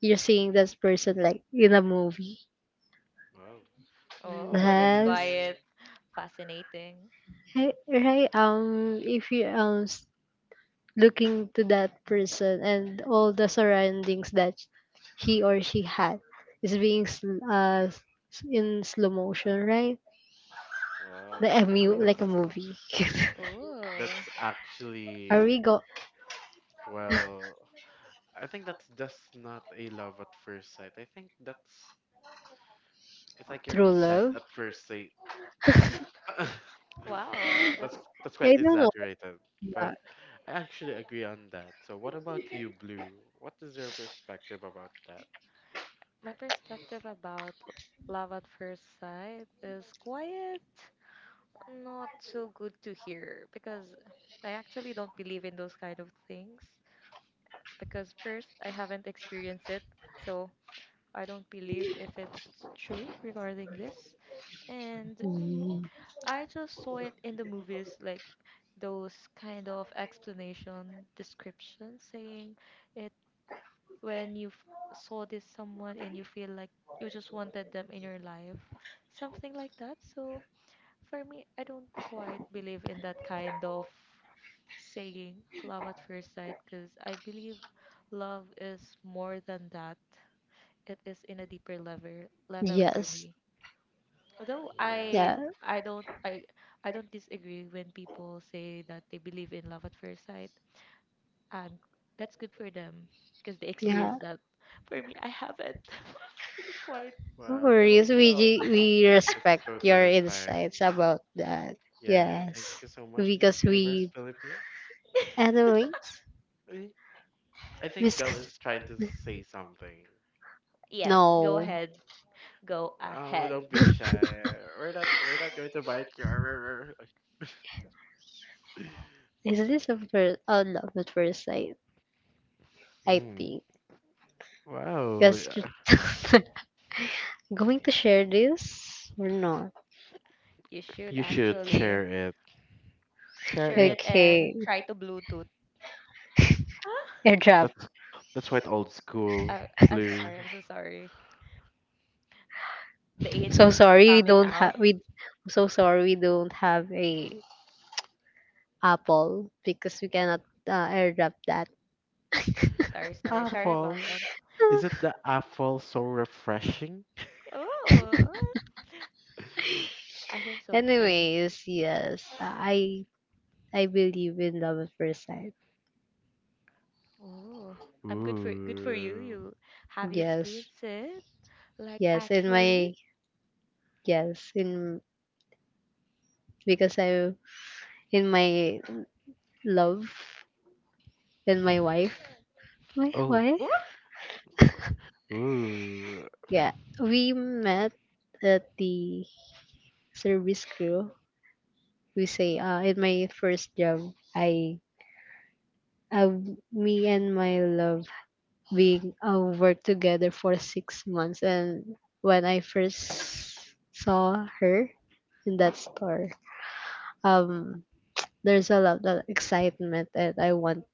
you're seeing this person like in a movie. Wow. Oh, that's Yes. quiet. Movie. Fascinating. Right, right. If you looking to that person, and all the surroundings that he or she had is being in slow motion, right? Wow. Like Oh. like a That's movie. Oh. that's Are actually we go well I think that's just not a love at first sight. I think that's it's like you're through obsessed love? at first sight. Wow, That's that's that's quite I don't know. exaggerated, Yeah. but I actually agree on that. So what about you, Blue? What is your perspective about that? my perspective about love at first sight is quiet, not so good to hear because I actually don't believe in those kind of things because first I haven't experienced it, so I don't believe if it's true regarding this. And Mm, I just saw it in the movies, like those kind of explanation descriptions saying it when you saw this someone and you feel like you just wanted them in your life, something like that. So for me, I don't quite believe in that kind of saying love at first sight because I believe love is more than that. It is in a deeper level for yes. me. Although I Yeah. Yeah. I don't I I don't disagree when people say that they believe in love at first sight. Um, that's good for them because they Yeah. experience that. For me, I haven't. This is quite No worries. Well, emotional. We that's respect your totally fine. insights about that. Yeah, thank Yes. you so much, Miss Because Universe we, Philippines. anyways. Eh, I think Whisk. Del is trying to say something. Yes, go No. ahead. Go Oh, ahead. don't be shy. We're not going to bite you. Is this a first? Oh, love at first sight. I Mm. think. Wow, Because yeah, going to share this or not? You should you should actually share it. Share share it. it and Okay. try to Bluetooth. Huh? Airdrop. That's that's what old school I'm so blue. sorry. I'm so sorry. The age So is sorry we coming don't out. have we. So sorry, we don't have a apple because we cannot airdrop that. Sorry, sorry, sorry about Apple. that. Is it the apple so refreshing? Oh, I think so too. Anyways, yes, I believe in love at first sight. Oh, I'm good for you. Ooh. Have you Yes, experienced it? Like yes, in my actually? yes in because I in my love and my wife. My Oh. wife? Ooh. Ooh. Yeah. We met at the service crew. We say, in my first job, I, uh, me and my love, we worked together for 6 months. And when I first saw her in that store, um, there's a lot of excitement and I want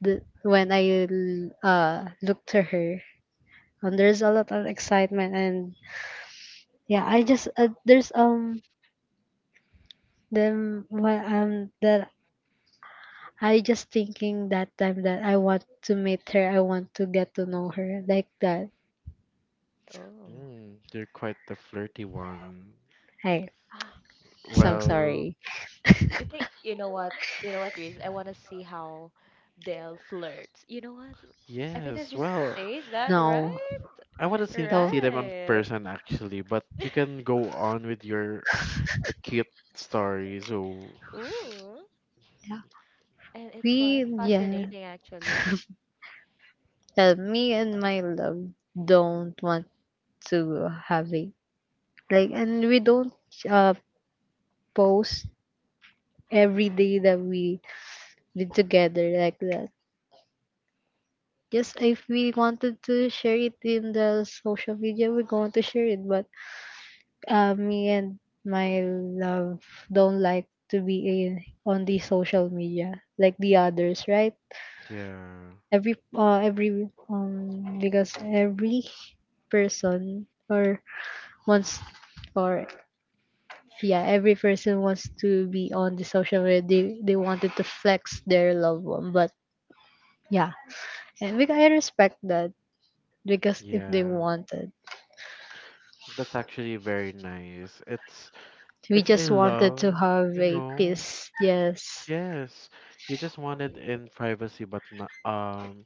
when I looked to her, and there's a lot of excitement. And yeah, I just that I just thinking that time that I want to meet her. I want to get to know her like that. Oh. Mm, you're quite the flirty one. Hey, Ah, so Well, sorry. you think you know what? You know what, Grace? I want to see how Dale flirts. You know what? Every time yes. she Well, says that, No, right? I want to though. see them in Right. person actually, but you can go on with your cute story. So Ooh. Yeah, And it's we quite yeah. fascinating actually. Me and my love don't want to have it like, and we don't uh post every day that we been together like that. Just if we wanted to share it in the social media, we're going to share it. But uh, me and my love don't like to be in, on the social media like the others, right? yeah, Every person or wants or yeah, every person wants to be on the social media. They wanted to flex their loved one, but yeah, and we, I respect that, because if they yeah. wanted, That's actually very nice. We It's a just wanted to love, have you a know. peace. Yes, Yes, you just want it in privacy, but not,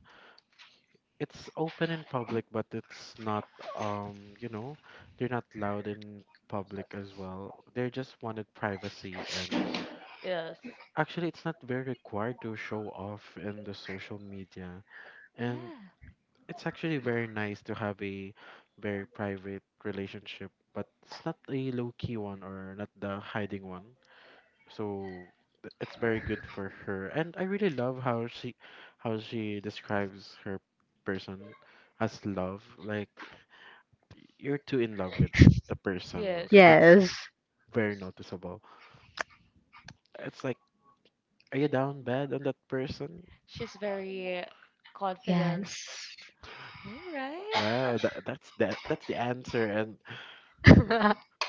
it's open in public, but it's not you know, they're not loud in public as well. They just wanted privacy, and Yes. actually, it's not very required to show off in the social media. And Yeah. it's actually very nice to have a very private relationship, but it's not a low key one or not the hiding one. So it's very good for her, and I really love how she describes her person as love. Like you're too in love with the person. Yes. That's yes, very noticeable. It's like, are you down bad on that person? She's very confident. yes. All right. Wow, that's the answer, and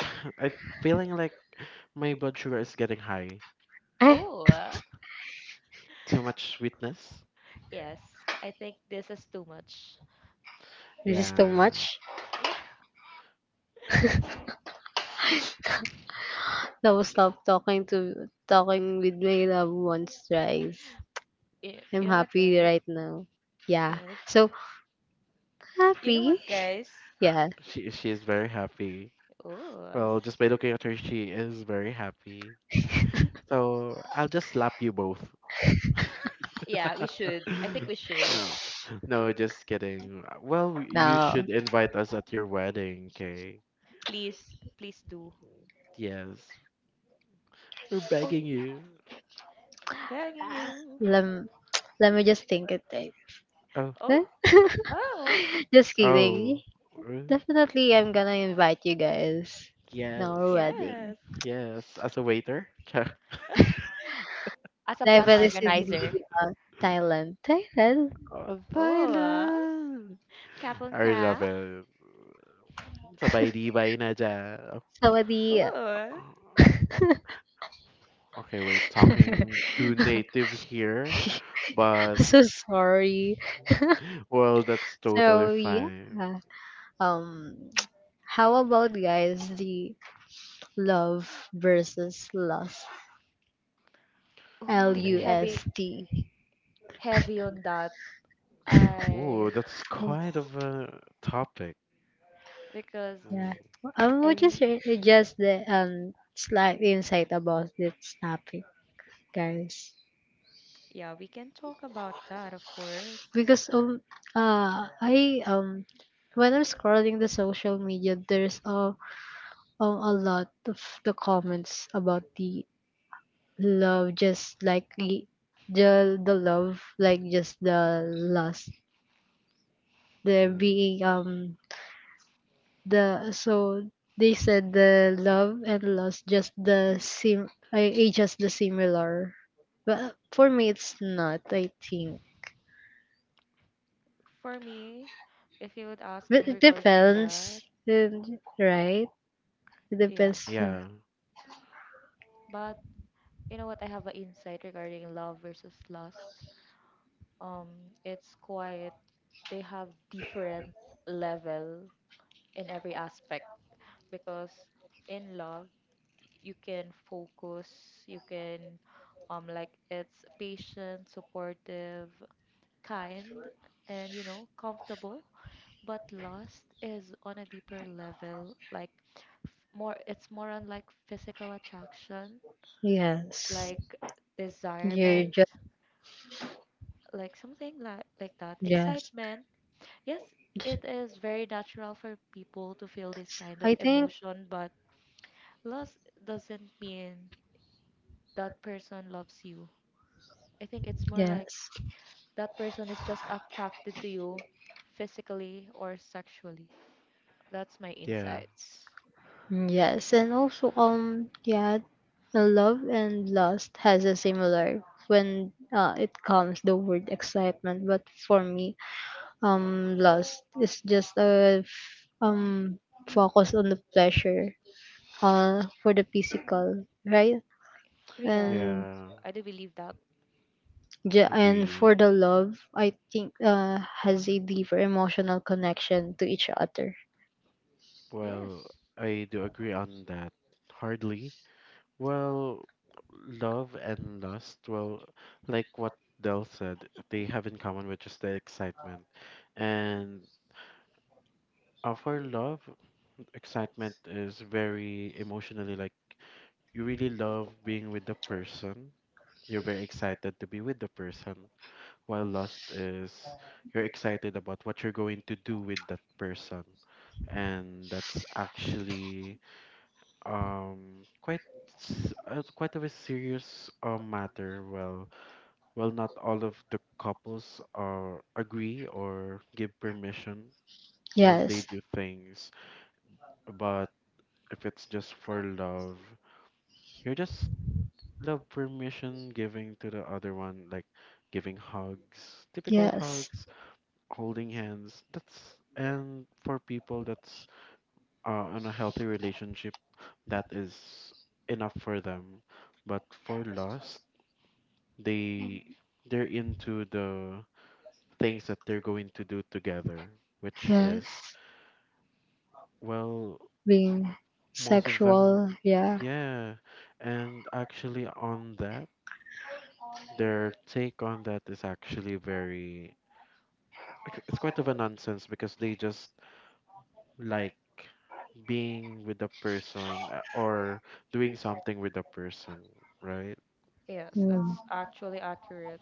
I'm feeling like my blood sugar is getting high. Eh, Oh, Too much sweetness. yes. I think this is too much. this is too Yeah, much. Yeah. No, Y- stop talking to talking with my loved ones thrice. You I'm know what, happy guys? right now. Yeah. Yes. So You know what, happy. guys? Yeah. she is very happy. Oh, Well, just by looking at her, she is very happy. So I'll just slap you both. yeah, we should. I think we should. No, no, just kidding. Well, you Now should invite us at your wedding, okay? Please, please do. Yes, we're Oh, begging you. I'm begging you. let let me just think it. Think. Oh, Oh, Huh? oh, Just kidding. oh, mm, Definitely, I'm gonna invite you guys. Now our yes, wedding. yes. yes. As a waiter. As a plan Definitely is in organizer. the Thailand. Thailand. Oh, Oh, Thailand. kapon I ka? love it. Sabay di bay na dyan. Sawadee. Oh, Okay, we're talking to native here, but So sorry. well, that's totally So yeah, fine. um, how about guys the love versus lust, L oh, the U Ooh, heavy, S T. heavy on that. ooh, I that's quite of a topic. because Yeah, Mm, I what is re your- just the slight insight about this topic, guys? Yeah, we can talk about that, of course. Because I when I'm scrolling the social media, there's a lot of the comments about the love just the love like just the lust, there mm. being um, the so they said the love and lust just the sim I just the similar, but for me it's not, I think, For me, if you would ask but me it regarding that, depends and- right, it yeah. depends. Yeah, But you know what? I have an insight regarding love versus lust. It's quite, they have different level in every aspect because in love, you can focus, like it's patient, supportive, kind, and you know, comfortable. But lust is on a deeper level like more, it's more on like physical attraction, Yes, like you're desirement, just, like something like that yes, excitement. Yes, it is very natural for people to feel this kind of I think, emotion, but lust doesn't mean that person loves you. I think it's more like yes. that person is just attracted to you physically or sexually. That's my yeah, insights. Mm, yes, and also yeah, love and lust has a similar when it comes the word excitement. But for me, lust is just focus on the pleasure for the physical, right? Ria, And yeah. I do believe that. And for Agree. the love, I think has a deeper emotional connection to each other. Well, Yes. I do agree on that. Hardly. Well, love and lust, well, like what Del said, they have in common, which is the excitement. And for love, excitement is very emotionally like you really love being with the person. You're very excited to be with the person, while lost is you're excited about what you're going to do with that person. And that's actually quite quite of a serious matter. Well, not all of the couples are agree or give permission when they Yes. do things, but if it's just for love. You're just love permission giving to the other one, like giving hugs, typical Yes. hugs, holding hands. That's and for people that's in a healthy relationship, that is enough for them. But for lost, they they're into the things that they're going to do together, which is Yes. well, Being most of them, sexual, yeah. yeah. And actually, on that. Their take on that is actually very like, it's quite of a nonsense because they just like being with the person or doing something with the person, right? Yes, Mm. that's actually accurate.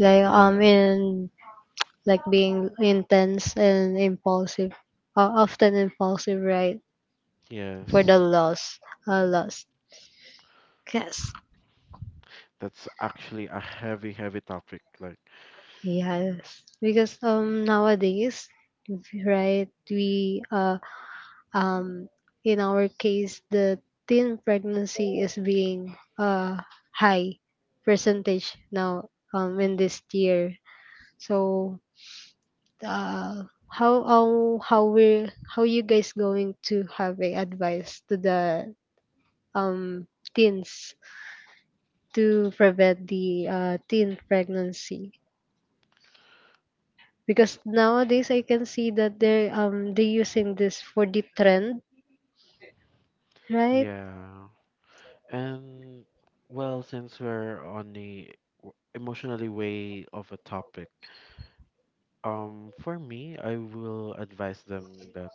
Like Yeah, in, like being intense and impulsive, often impulsive, right? For the yes. loss, loss. Yes, That's actually a heavy, heavy topic. Like, yes. Because nowadays, right? We um in our case, the teen pregnancy is being high percentage now in this year. So uh, how how how we, how you guys going to have a advice to the um teens to prevent the teen pregnancy, because nowadays I can see that they using this for the trend, right? yeah. And well, since we're on the emotionally way of a topic, for me, I will advise them that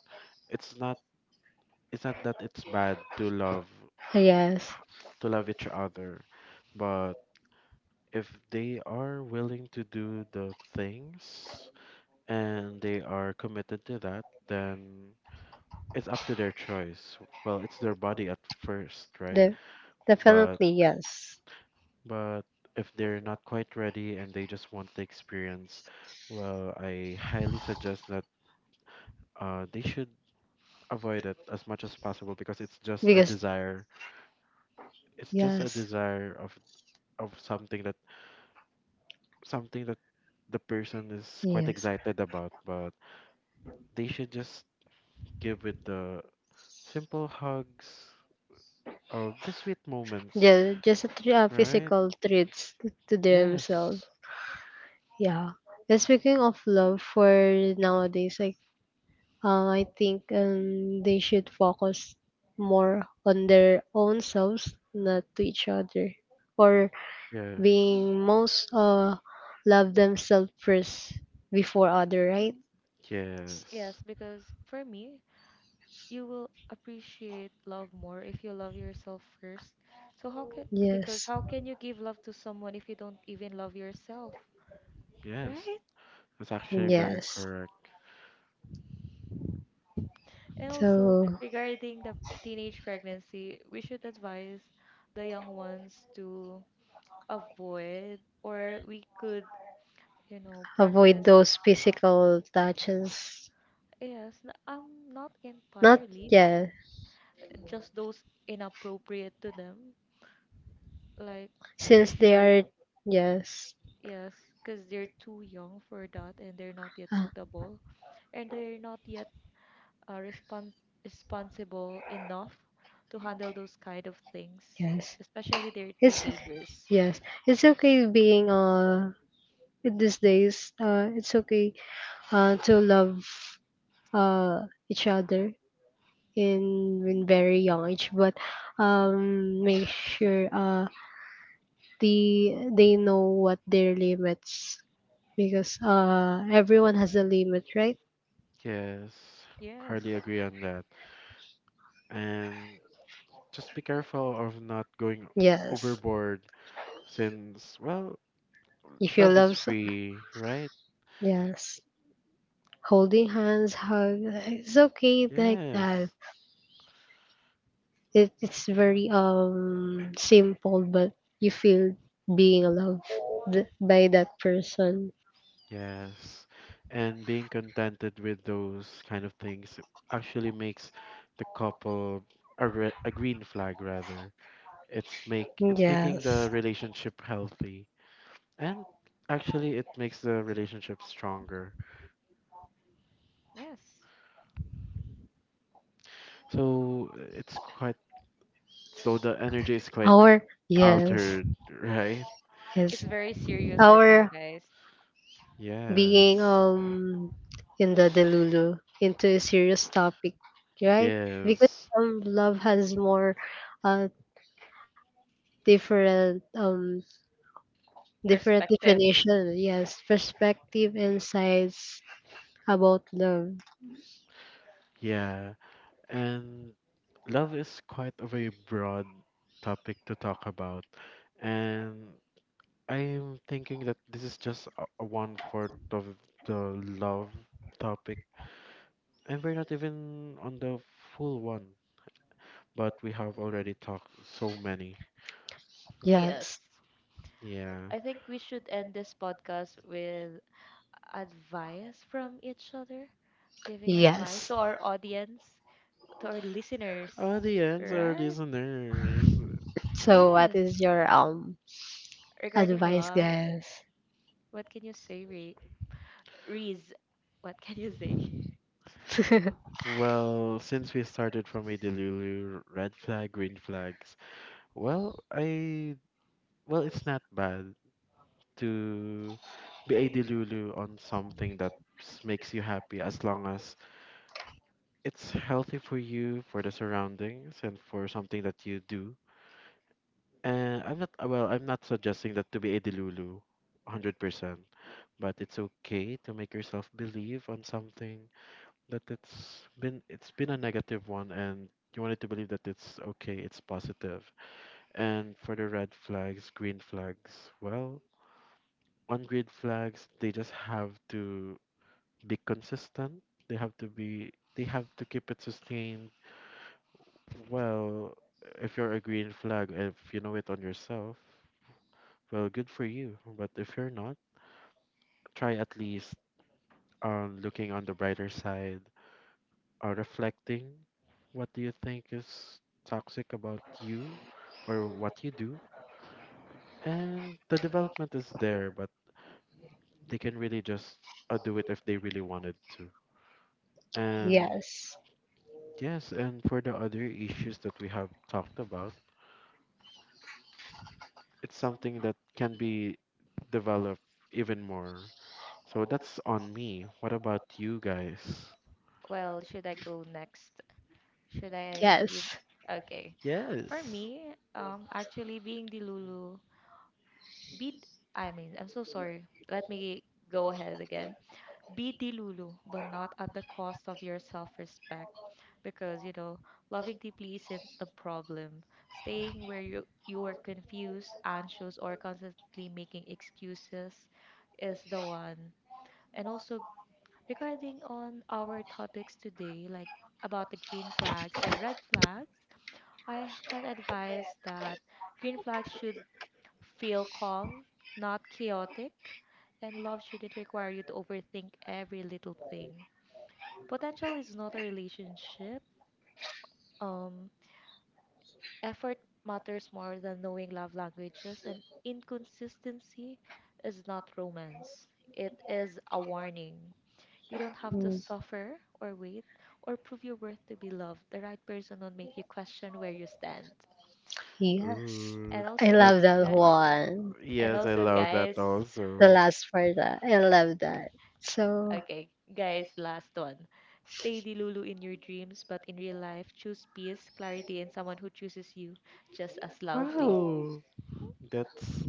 it's not it's not that it's bad to love Yes, each other. But if they are willing to do the things and they are committed to that, then it's up to their choice. Well, it's their body at first, right? the, But definitely yes, but if they're not quite ready and they just want the experience, well, I highly suggest that they should avoid it as much as possible because it's just a because desire. It's just a yes, desire of something that something that the person is quite yes, excited about, but they should just give it the simple hugs or the sweet moments, yeah, just right? physical treats to themselves. Yes, Yeah, and speaking of love for nowadays, I think they should focus more on their own selves, not to each other, or yes, being most love themselves first before other, right? yes, Yes, because for me, you will appreciate love more if you love yourself first. So how can, because Yes, how can you give love to someone if you don't even love yourself, yes. right? That's actually very yes. correct. And also So regarding the teenage pregnancy, we should advise the young ones to avoid, or we could, you know, avoid practice those physical touches. yes, not Not entirely yeah, just those inappropriate to them. Like they since they should, are, yes, yes, because they're too young for that and they're not yet ah, suitable and they're not yet uh, respons- responsible enough to handle those kind of things, yes. especially they're It's, teenagers. yes. It's okay being these days. It's okay to love each other in when very young age, but make sure they know what their limits, because everyone has a limit, right? Yes, hardly Yes, agree on that. And just be careful of not going Yes, overboard since, well, if you love is love so-, free, right? yes, holding hands hug, it's okay like that. Yes, It, it's very simple, but you feel being loved by that person. yes. And being contented with those kind of things actually makes the couple a green flag rather. It's making the Yes. relationship healthy and actually it makes the relationship stronger. yes. So it's quite so the energy is quite Our, yes, altered, right? It's yes. very serious right now, Our guys. being Yes. In the Delulu into a serious topic, right? Because Yes. Love has more uh different different Perspective. definition, yes, perspective, insights about love. Yeah. And love is quite a very broad topic to talk about. And I'm thinking that this is just a one fourth of the love topic. And we're not even on the full one, but we have already talked so many. Yes. Yes. Yeah. I think we should end this podcast with advice from each other, giving advice Yes. to our audience, to our listeners, Audience or right? listeners. So what Yes. is your Regarding advice, love, guys? what can you say, Reese? What can you say? Well, since we started from a delulu, red flag, green flags. Well, I well, it's not bad. To be a delulu on something that makes you happy as long as it's healthy for you, for the surroundings, and for something that you do. And I'm not, well, I'm not suggesting that to be a delulu 100%, but it's okay to make yourself believe on something that it's been a negative one and you wanted to believe that it's okay, it's positive. And for the red flags, green flags, well, on green flags, they just have to be consistent. They have to keep it sustained. Well, if you're a green flag, if you know it on yourself, well, good for you. But if you're not, try at least on looking on the brighter side or reflecting what do you think is toxic about you or what you do. And the development is there, but they can really just do it if they really wanted to. And Yes. yes, and for the other issues that we have talked about, it's something that can be developed even more. So that's on me. What about you guys? Well, should I go next? Should I give? Yes. Okay. For Yes. me, actually being the Lulu, be, th- I mean, I'm so sorry. Let me go ahead again. Be the Lulu, but not at the cost of your self-respect. Because you know, loving deeply isn't the problem, staying where you are confused, anxious, or constantly making excuses is the one. And also regarding on our topics today, like about the green flags and red flags, I can advise that green flags should feel calm, not chaotic, and love shouldn't require you to overthink every little thing. Potential is not a relationship. um Effort matters more than knowing love languages, and inconsistency is not romance. It is a warning. You don't have to suffer or wait or prove your worth to be loved. The right person will make you question where you stand. Yes, Ooh, And I also, that. love that yeah, Uh, one. and yes, I also, love that guys, The also. last part, I love that. So, okay, guys, last one. Stay the Lulu in your dreams, but in real life, choose peace, clarity, and someone who chooses you just as loudly. Wow. That's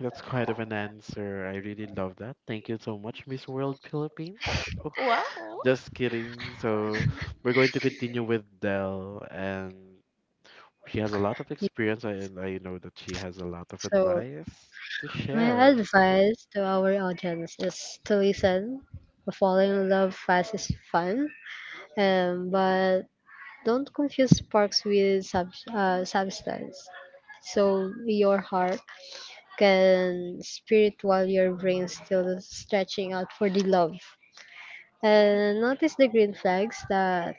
that's quite of an answer. I really love that. Thank you so much, Miss World Philippines. Oh, Wow! just kidding. So we're going to continue with Dell and she has a lot of yeah, experience, and I know that she has a lot of so advice to my share. advice to our audience is to listen. Falling in love fast is fun, but don't confuse sparks with substance. So your heart can spirit while your brain still stretching out for the love. And notice the green flags that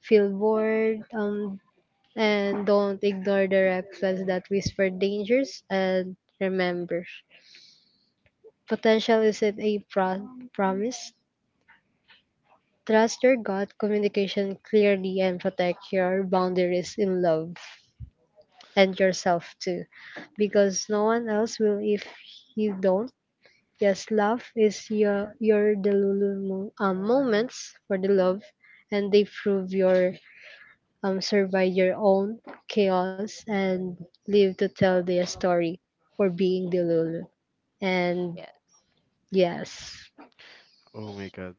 feel bored, and don't ignore the red flags that whisper dangers. And remember, potential isn't promise. Trust your gut, communication clearly, and protect your boundaries in love, and yourself too, because no one else will if you don't. Yes, love is your delulu moments for the love, and they prove your survive your own chaos, and live to tell their story for being Delulu. And Yes, yes, Oh my God,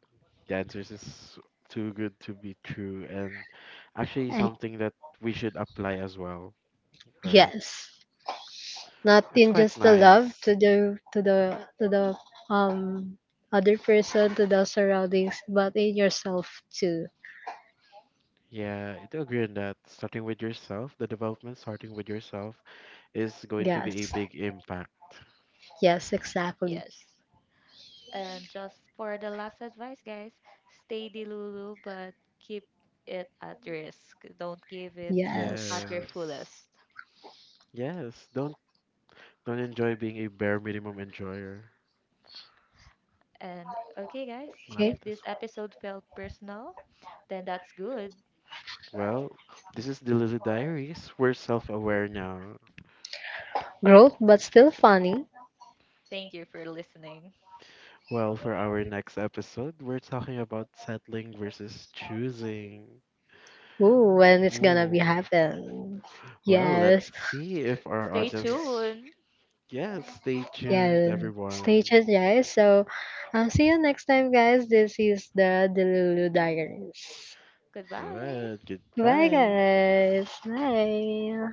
the answers is too good to be true, and actually I, something that we should apply as well, right? yes, not It's in quite just the love nice. to the um other person, to the surroundings, but in yourself too. Yeah, I do agree on that. Starting with yourself, the development starting with yourself is going to be a Yes, big impact. yes, exactly. yes. And just for the last advice, guys, stay delulu, but keep it at risk. Don't give it Yes. at your Yes. fullest. Yes. Don't enjoy being a bare minimum enjoyer. And okay, guys, Okay. Malapit if na. this episode felt personal, then that's good. Well, this is the Little Diaries. We're self aware now. Growth, but still funny. Thank you for listening. Well, for our next episode, we're talking about settling versus choosing. Ooh, when it's gonna be Ooh. happen. Well, let's Yes. see if our Stay audience. tuned. Yes, stay tuned, Yeah. Stay tuned, everyone. guys. So, see you next time, guys. This is the Delulu Diaries. Goodbye. Good. Bye, Goodbye. guys. Bye.